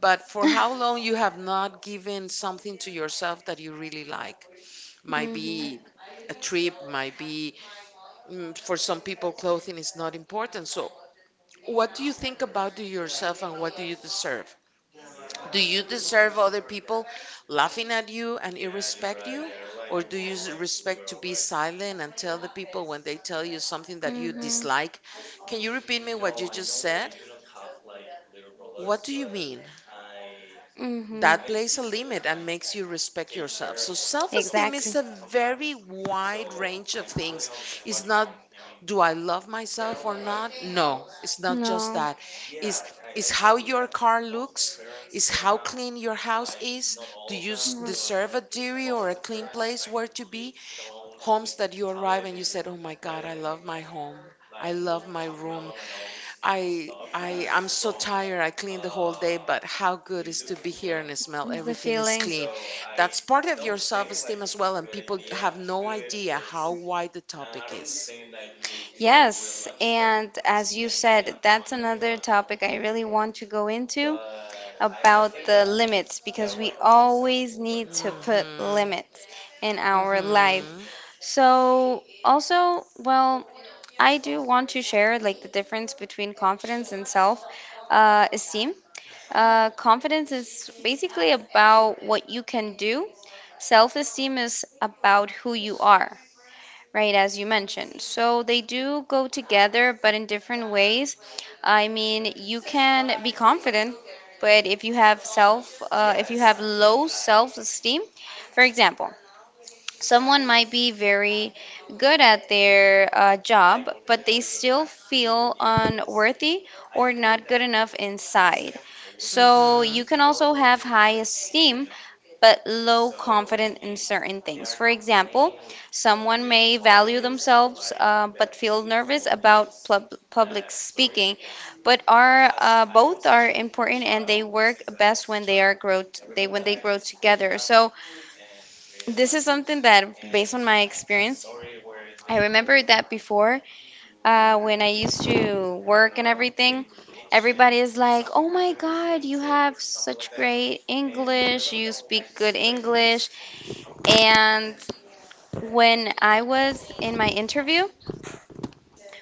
Speaker 2: But for how long you have not given something to yourself that you really like? Might
Speaker 1: Hmm.
Speaker 2: be a trip, might be for some people, clothing is not important. So what do you think about to yourself and what do you deserve? Do you deserve other people laughing at you and irrespect you? Or do you respect to be silent and tell the people when they tell you something that you
Speaker 1: Hmm.
Speaker 2: dislike? Can you repeat me what you just said? What do you mean?
Speaker 1: Hmm.
Speaker 2: That plays a limit and makes you respect yourself. So self esteem is
Speaker 1: Exactly.
Speaker 2: a very wide range of things. It's not do I love myself or not? No, it's not just
Speaker 1: No.
Speaker 2: that. It's is how your car looks, is how clean your house is. Do you deserve a dirty or a clean place where to be? Homes that you arrive and you said, "Oh my God, I love my home. I love my room. I'm so tired. I cleaned the whole day, but how good is to be here and smell
Speaker 1: Mm. The
Speaker 2: everything is
Speaker 1: feeling.
Speaker 2: clean. That's part of your self-esteem as well, and people have no idea how wide the topic is.
Speaker 1: Yes, and as you said, that's another topic I really want to go into about the limits because we always need to put
Speaker 2: Mhm.
Speaker 1: limits in our life.
Speaker 2: Mhm.
Speaker 1: So, also, well, I do want to share like the difference between confidence and self esteem. Confidence is basically about what you can do, self esteem is about who you are. Right, as you mentioned. So they do go together, but in different ways. I mean, you can be confident, but if you have low self-esteem, for example, someone might be very good at their job, but they still feel unworthy or not good enough inside. So
Speaker 2: Mhm.
Speaker 1: you can also have high esteem, but low confidence in certain things. For example, someone may value themselves but feel nervous about public speaking, but are both are important and they work best when they are grow they when they grow together. So this is something that, based on my experience, I remember that before, when I used to work and everything, everybody is like, "Oh my God, you have such great English. You speak good English." And when I was in my interview,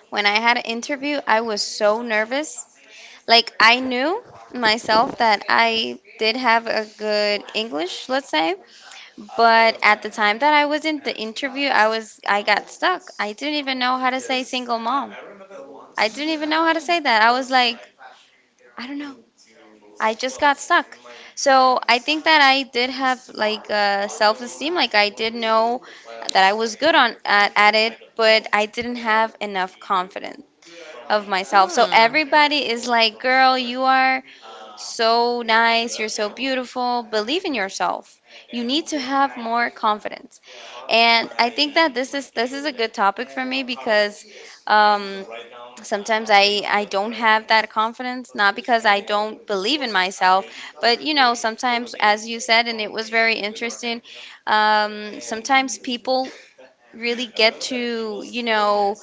Speaker 1: when I had an interview, I was so nervous. Like I knew myself that I did have a good English, let's say, but at the time that I was in the interview, I got stuck. I didn't even know how to say single mom. I didn't even know how to say that. I was like, I don't know. I just got stuck. So I think that I did have like self-esteem. Like I did know that I was good at it, but I didn't have enough confidence of myself. So
Speaker 2: Mm.
Speaker 1: everybody is like, "Girl, you are so nice. You're so beautiful. Believe in yourself. You need to have more confidence." And I think that this is a good topic for me because um, sometimes I don't have that confidence, not because I don't believe in myself, but you know, sometimes, as you said, and it was very interesting, sometimes people really get to, you know,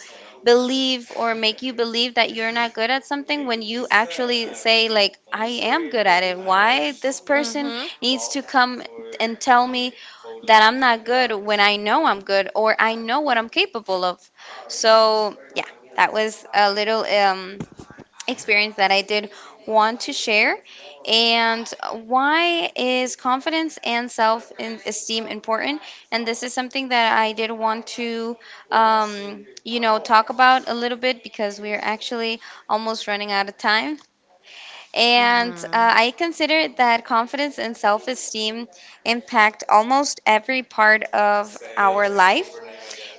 Speaker 1: believe or make you believe that you're not good at something when you actually say, like, I am good at it. Why this
Speaker 2: Mm.
Speaker 1: person
Speaker 2: Mhm.
Speaker 1: needs to come and tell me that I'm not good when I know I'm good or I know what I'm capable of. So that was a little experience that I did want to share. And why is confidence and self esteem important? And this is something that I did want to, you know, talk about a little bit because we are actually almost running out of time. And
Speaker 2: Mhm.
Speaker 1: I consider that confidence and self esteem impact almost every part of our life.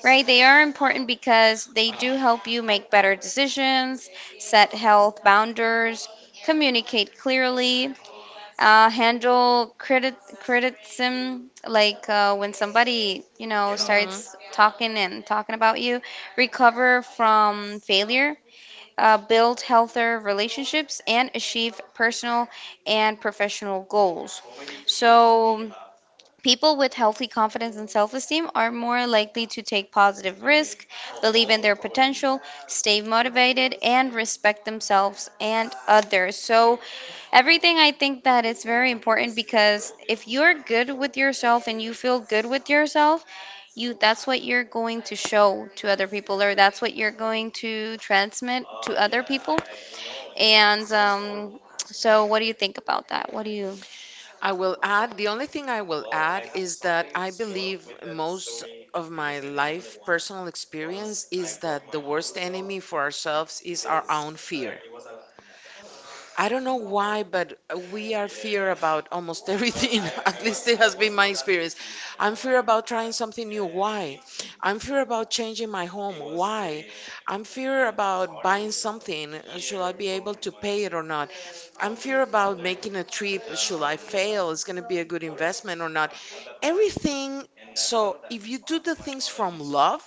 Speaker 1: Right, they are important because they do help you make better decisions, set health boundaries, communicate clearly, handle credit criticism, like when somebody, you know,
Speaker 2: Mhm.
Speaker 1: starts talking and talking about you, recover from failure, build healthier relationships, and achieve personal and professional goals. So, people with healthy confidence and self esteem are more likely to take positive risks, believe in their potential, stay motivated, and respect themselves and others. So, everything I think that is very important because if you're good with yourself and you feel good with yourself, you that's what you're going to show to other people, or that's what you're going to transmit to other people. And so, what do you think about that? What do you?
Speaker 2: I will add, the only thing I will add is that I believe most of my life personal experience is that the worst enemy for ourselves is our own fear. I don't know why, but we are fear about almost everything. At least it has been my experience. I'm fear about trying something new. Why? I'm fear about changing my home. Why? I'm fear about buying something. Should I be able to pay it or not? I'm fear about making a trip. Should I fail? Is going to be a good investment or not? Everything. So if you do the things from love,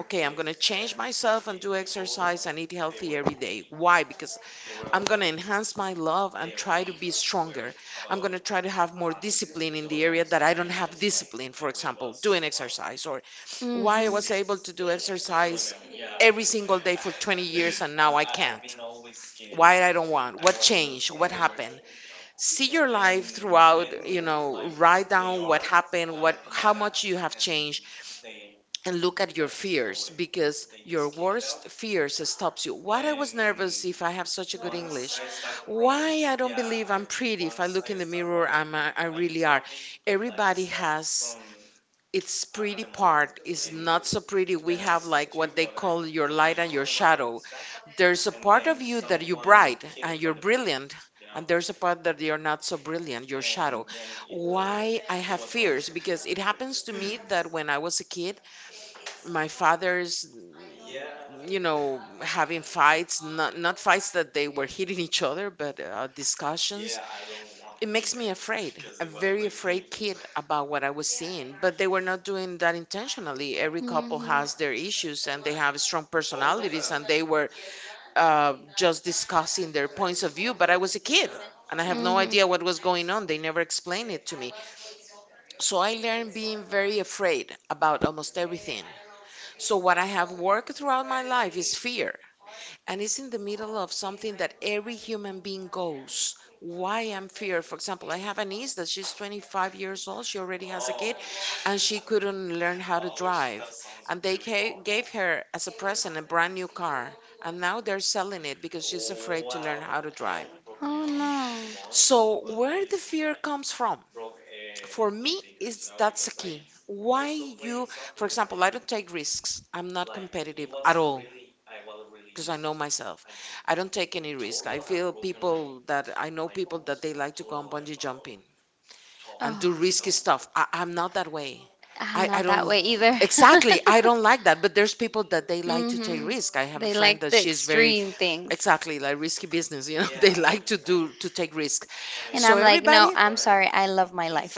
Speaker 2: okay, I'm going to change myself and do exercise and eat healthy every day. Why? Because I'm going to enhance my love and try to be stronger. I'm going to try to have more discipline in the area that I don't have discipline, for example, doing exercise or why I was able to do exercise every single day for 20 years and now I can't. Why I don't want? What changed? What happened? See your life throughout, you know, write down what happened, what how much you have changed and look at your fears because your worst fears stops you. What I was nervous if I have such a good English. Why I don't believe I'm pretty? If I look in the mirror, I really are. Everybody has its pretty part, is not so pretty. We have like what they call your light and your shadow. There's a part of you that you're bright and you're brilliant, and there's a part that you're not so brilliant, your shadow. Why I have fears? Because it happens to me that when I was a kid, my father's, you know, having fights, not fights that they were hitting each other, but discussions. It makes me afraid, a very afraid kid about what I was seeing. But they
Speaker 1: Mhm.
Speaker 2: were not doing that intentionally. Every
Speaker 1: Hmm.
Speaker 2: couple
Speaker 1: Hmm.
Speaker 2: has their issues and they have strong personalities, and they were just discussing their points of view, but I was a kid and I have no idea what was going on. They never explained it to me. So I learned being very afraid about almost everything. So what I have worked throughout my life is fear and it's in the middle of something that every human being goes. Why I'm fear, for example, I have a niece that she's 25 years old. She already has a kid, and she couldn't learn how to drive. And they gave her as a present a brand new car, and now they're selling it because she's afraid to learn how to drive.
Speaker 1: Oh no.
Speaker 2: So where the fear comes from? For me, is that's a key. Why you, for example, I don't take risks. I'm not competitive at all because I know myself. I don't take any risk. I feel people that I know people that they like to go on bungee jumping and do risky
Speaker 1: Oh,
Speaker 2: stuff. I'm not that way.
Speaker 1: I'm
Speaker 2: I
Speaker 1: not that
Speaker 2: don't
Speaker 1: way either.
Speaker 2: exactly I don't like that. But there's people that they like to take
Speaker 1: Hmm.
Speaker 2: risk. I have a
Speaker 1: They
Speaker 2: friend
Speaker 1: like
Speaker 2: that
Speaker 1: the
Speaker 2: she's very
Speaker 1: extreme things.
Speaker 2: exactly like risky business, you know, they like to take risk.
Speaker 1: And
Speaker 2: So
Speaker 1: I'm like, no,
Speaker 2: everybody
Speaker 1: I'm sorry. I love my life.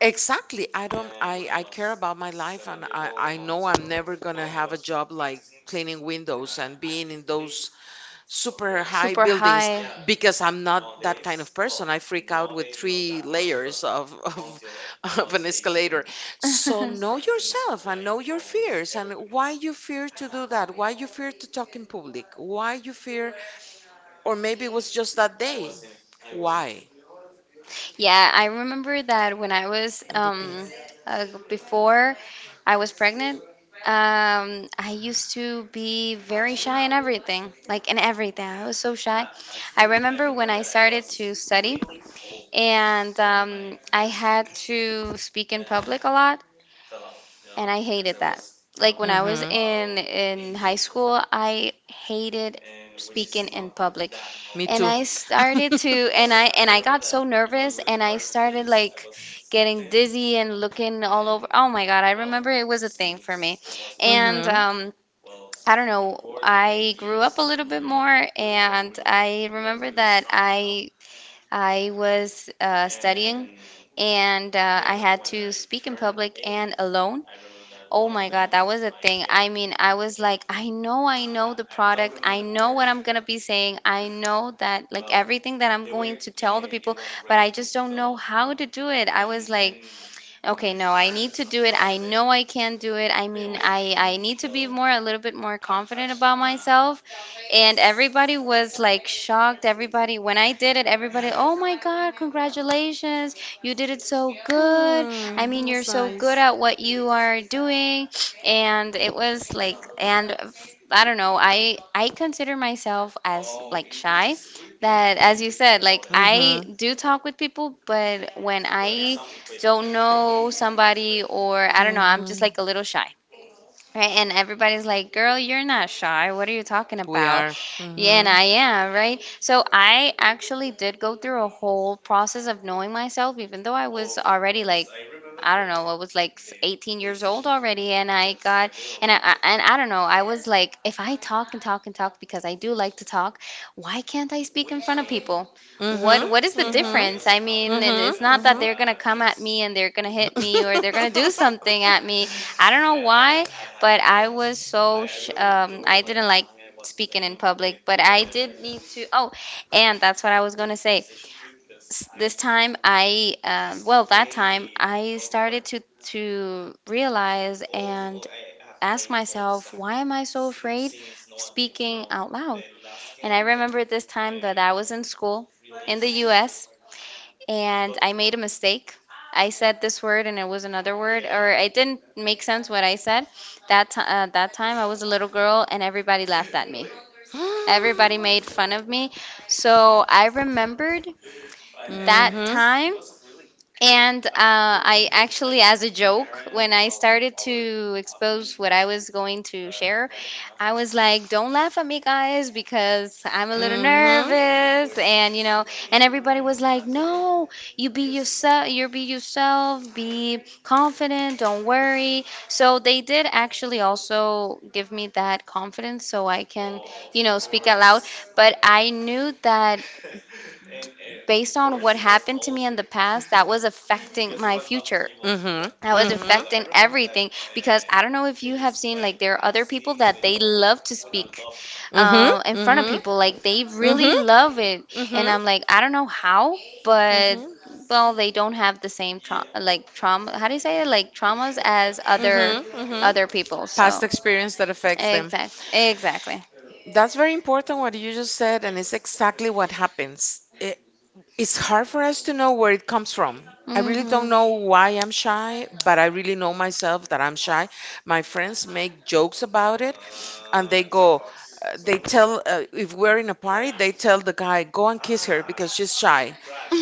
Speaker 2: exactly I don't I care about my life and I know I'm never gonna have a job like cleaning windows and being in those super high
Speaker 1: Super
Speaker 2: buildings
Speaker 1: high.
Speaker 2: because I'm not that kind of person. I freak out with three layers of of an escalator. So know yourself and know your fears and why you fear to do that, why you fear to talk in public, why you fear, or maybe it was just that day. Why?
Speaker 1: Yeah, I remember that when I was
Speaker 2: And deep in.
Speaker 1: before I was pregnant, I used to be very shy in everything, like in everything. I was so shy. I remember when I started to study and I had to speak in public a lot and I hated that. Like when I was
Speaker 2: Mm-hmm.
Speaker 1: in high school, I hated speaking in public.
Speaker 2: Me
Speaker 1: And
Speaker 2: too.
Speaker 1: I started to and I got so nervous and I started like getting dizzy and looking all over. Oh my God, I remember it was a thing for me. And
Speaker 2: Mm-hmm.
Speaker 1: I don't know. I grew up a little bit more, and I remember that I I was studying and I had to speak in public and alone. Oh my God, that was a thing. I mean, I was like, I know the product. I know what I'm gonna be saying. I know that, like, everything that I'm going to tell the people, but I just don't know how to do it. I was like, okay, no, I need to do it. I know I can do it. I mean, I need to be more, a little bit more confident about myself. And everybody was like shocked. Everybody, when I did it, everybody, oh my God, congratulations. You did it so good. I
Speaker 2: Hmm.
Speaker 1: mean, you're
Speaker 2: That's
Speaker 1: so good
Speaker 2: nice.
Speaker 1: at what you are doing. And it was like, and I don't know, I consider myself as like shy. That as you said, like I
Speaker 2: Mm-hmm.
Speaker 1: do talk with people, but when I don't know somebody or I don't know, I'm just
Speaker 2: Mm-hmm.
Speaker 1: like a little shy. Right, and everybody's like, "Girl, you're not shy. What are you talking
Speaker 2: We
Speaker 1: about?"
Speaker 2: are.
Speaker 1: Yeah, and
Speaker 2: Mm-hmm.
Speaker 1: I am, right? So I actually did go through a whole process of knowing myself, even though I was already like, I don't know, I was like 18 years old already, and I don't know, I was like, if I talk and talk and talk because I do like to talk, why can't I speak in front of people?
Speaker 2: Mhm.
Speaker 1: What is the
Speaker 2: Mhm.
Speaker 1: difference? I mean, and
Speaker 2: Mhm.
Speaker 1: it's not that
Speaker 2: Mhm.
Speaker 1: they're gonna come at me and they're gonna hit me or they're gonna do something at me. I don't know why, but I was so sh I didn't like speaking in public, but I did need to. Oh, and that's what I was gonna say. This time I well that time I started to realize and ask myself why am I so afraid of speaking out loud? And I remember this time that I was in school in the US and I made a mistake. I said this word and it was another word, or it didn't make sense what I said. That time I was a little girl and everybody laughed at me. Everybody made fun of me. So I remembered
Speaker 2: Mhm.
Speaker 1: that
Speaker 2: Mhm.
Speaker 1: time. And I actually, as a joke, when I started to expose what I was going to share, I was like, don't laugh at me, guys, because I'm a little
Speaker 2: Mhm.
Speaker 1: nervous. And, you know, and everybody was like, no, you be yourself, be confident, don't worry. So they did actually also give me that confidence so I can, you know, speak aloud. But I knew that based on what happened to me in the past, that was affecting my future.
Speaker 2: Mhm.
Speaker 1: That was
Speaker 2: Mhm.
Speaker 1: affecting everything because I don't know if you have seen like there are other people that they love to speak
Speaker 2: Mhm. Mhm.
Speaker 1: in front of
Speaker 2: Mhm.
Speaker 1: people like they really love it and
Speaker 2: Mhm.
Speaker 1: I'm like I don't know how but well they don't have the same trauma how do you say it like traumas as
Speaker 2: Mhm. Mhm.
Speaker 1: other people
Speaker 2: Past
Speaker 1: so
Speaker 2: experience that affects them.
Speaker 1: exactly exactly
Speaker 2: That's very important what you just said, and it's exactly what happens. It's hard for us to know where it comes from. I really don't
Speaker 1: mhm
Speaker 2: know why I'm shy, but I really know myself that I'm shy. My friends make jokes about it, and they go, they tell, if we're in a party, they tell the guy, go and kiss her because she's shy.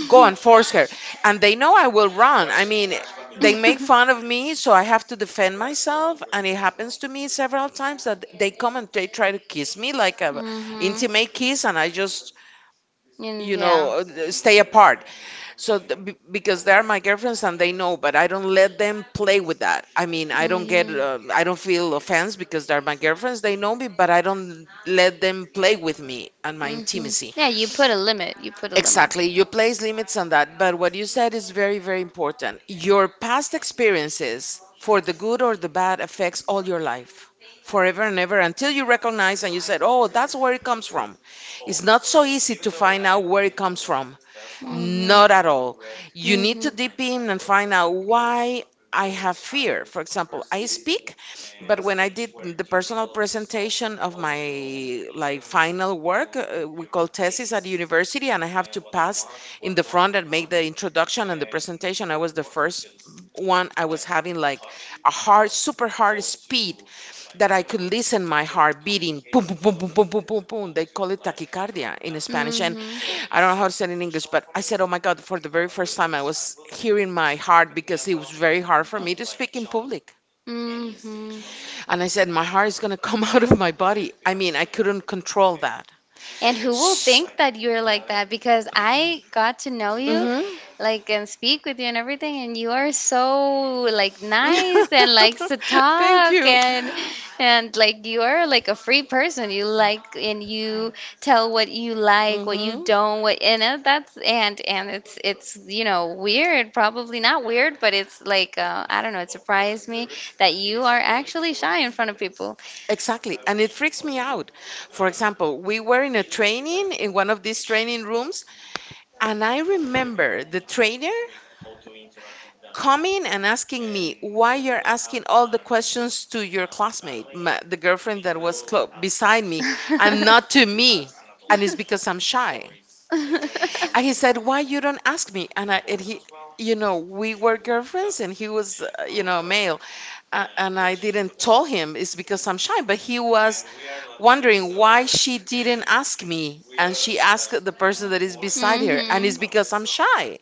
Speaker 2: Go and force her. And they know I will run. I mean, they make fun of me, so I have to defend myself. And it happens to me several times that they come and they try to kiss me like a
Speaker 1: hmm.
Speaker 2: intimate kiss, and I just
Speaker 1: Yeah.
Speaker 2: stay apart. So, because they are my girlfriends and they know, but I don't let them play with that. I mean, I don't get,
Speaker 1: Hmm.
Speaker 2: I don't feel offense because they're my girlfriends. They know me, but I don't let them play with me and my
Speaker 1: Hmm.
Speaker 2: intimacy.
Speaker 1: Yeah, you put a limit. You put a limit.
Speaker 2: Exactly. You place limits on that. But what you said is very, very important. Your past experiences, for the good or the bad, affects all your life. Forever and ever until you recognize and you said, "Oh, that's where it comes from." It's not so easy to find out where it comes from, not at
Speaker 1: Hmm.
Speaker 2: all. You need to deep in and find out why I have fear. For example, I speak, but when I did the personal presentation of my like final work, we call thesis at university, and I have to pass in the front and make the introduction and the presentation. I was the first one. I was having like a hard, super hard speed that I could listen my heart beating, boom, boom, boom, boom, boom, boom, boom, boom. They call it tachycardia in Spanish, and
Speaker 1: Hmm.
Speaker 2: I don't know how to say it in English. But I said, "Oh my God!" For the very first time, I was hearing my heart because it was very hard for me to speak in public.
Speaker 1: Hmm. Hmm.
Speaker 2: And I said, "My heart is gonna come out of my body." I mean, I couldn't control that.
Speaker 1: And who will
Speaker 2: S
Speaker 1: think that you're like that? Because I got to know you,
Speaker 2: hmm.
Speaker 1: like, and speak with you and everything, and you are so like nice and likes to
Speaker 2: Thank
Speaker 1: talk
Speaker 2: you.
Speaker 1: and like you are like a free person. You like and you tell what you like, what you
Speaker 2: Hmm.
Speaker 1: don't, what and that's and it's you know weird, probably not weird, but it's like I don't know. It surprised me that you are actually shy in front of people.
Speaker 2: Exactly. And it freaks me out. For example, we were in a training in one of these training rooms, and I remember the trainer coming and asking me why you're asking all the questions to your classmate, my, the girlfriend that was beside me, and not to me. And it's because I'm shy. And he said, why you don't ask me? And I, and he, you know, we were girlfriends, and he was, you know, male. And I didn't tell him it's because I'm shy. But he was wondering why she didn't ask me, and she asked the person that is beside her, and
Speaker 1: Mm-hmm.
Speaker 2: it's because I'm shy.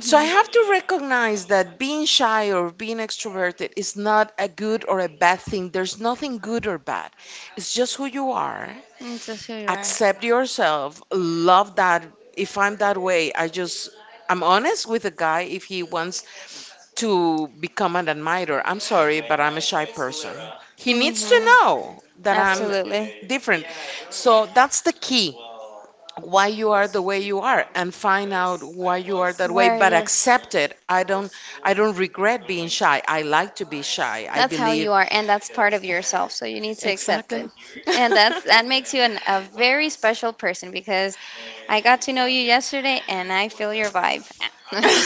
Speaker 2: So I have to recognize that being shy or being extroverted is not a good or a bad thing. There's nothing good or bad. It's just who you are.
Speaker 1: It's just who you are.
Speaker 2: Accept yourself. Love that. If I'm that way, I just I'm honest with a guy if he wants to become an admirer. I'm sorry, but I'm a shy person. He needs to
Speaker 1: Mm-hmm.
Speaker 2: know that I'm
Speaker 1: Absolutely.
Speaker 2: different. So that's the key why you are the way you are and find out why you are that way
Speaker 1: Where are
Speaker 2: but
Speaker 1: you?
Speaker 2: accept it. I don't regret being shy. I like to be shy, I
Speaker 1: That's how you
Speaker 2: believe.
Speaker 1: are, and that's part of yourself. So you need to accept it,
Speaker 2: Exactly.
Speaker 1: and that's that makes you a very special person because I got to know you yesterday, and I feel your vibe.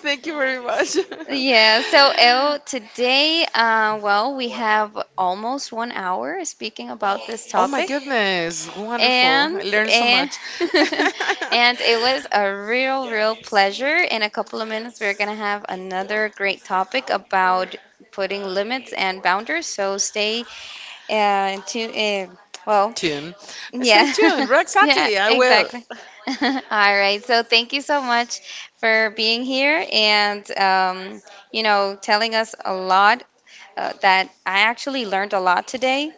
Speaker 2: Thank you very much.
Speaker 1: Yeah, so El, today, well, we have almost one hour speaking about this
Speaker 2: Oh my
Speaker 1: topic.
Speaker 2: goodness, wonderful, I
Speaker 1: And
Speaker 2: learned so
Speaker 1: and
Speaker 2: much.
Speaker 1: and it was a real, real pleasure. In a couple of minutes, we're going to have another great topic about putting limits and boundaries. So stay tuned. Uh, well,
Speaker 2: Tune, stay
Speaker 1: yeah,
Speaker 2: tuned, right,
Speaker 1: yeah,
Speaker 2: exactly, I will.
Speaker 1: exactly. All right. So thank you so much for being here and you know telling us a lot that I actually learned a lot today.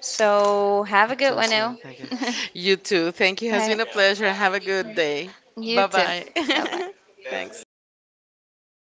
Speaker 1: So have
Speaker 2: You
Speaker 1: a good
Speaker 2: too
Speaker 1: one,
Speaker 2: as well,
Speaker 1: now.
Speaker 2: thank you.
Speaker 1: All
Speaker 2: You too, thank you, has
Speaker 1: right.
Speaker 2: been a pleasure, have a good day.
Speaker 1: You
Speaker 2: Bye
Speaker 1: too.
Speaker 2: bye.
Speaker 1: Bye bye.
Speaker 2: Thanks.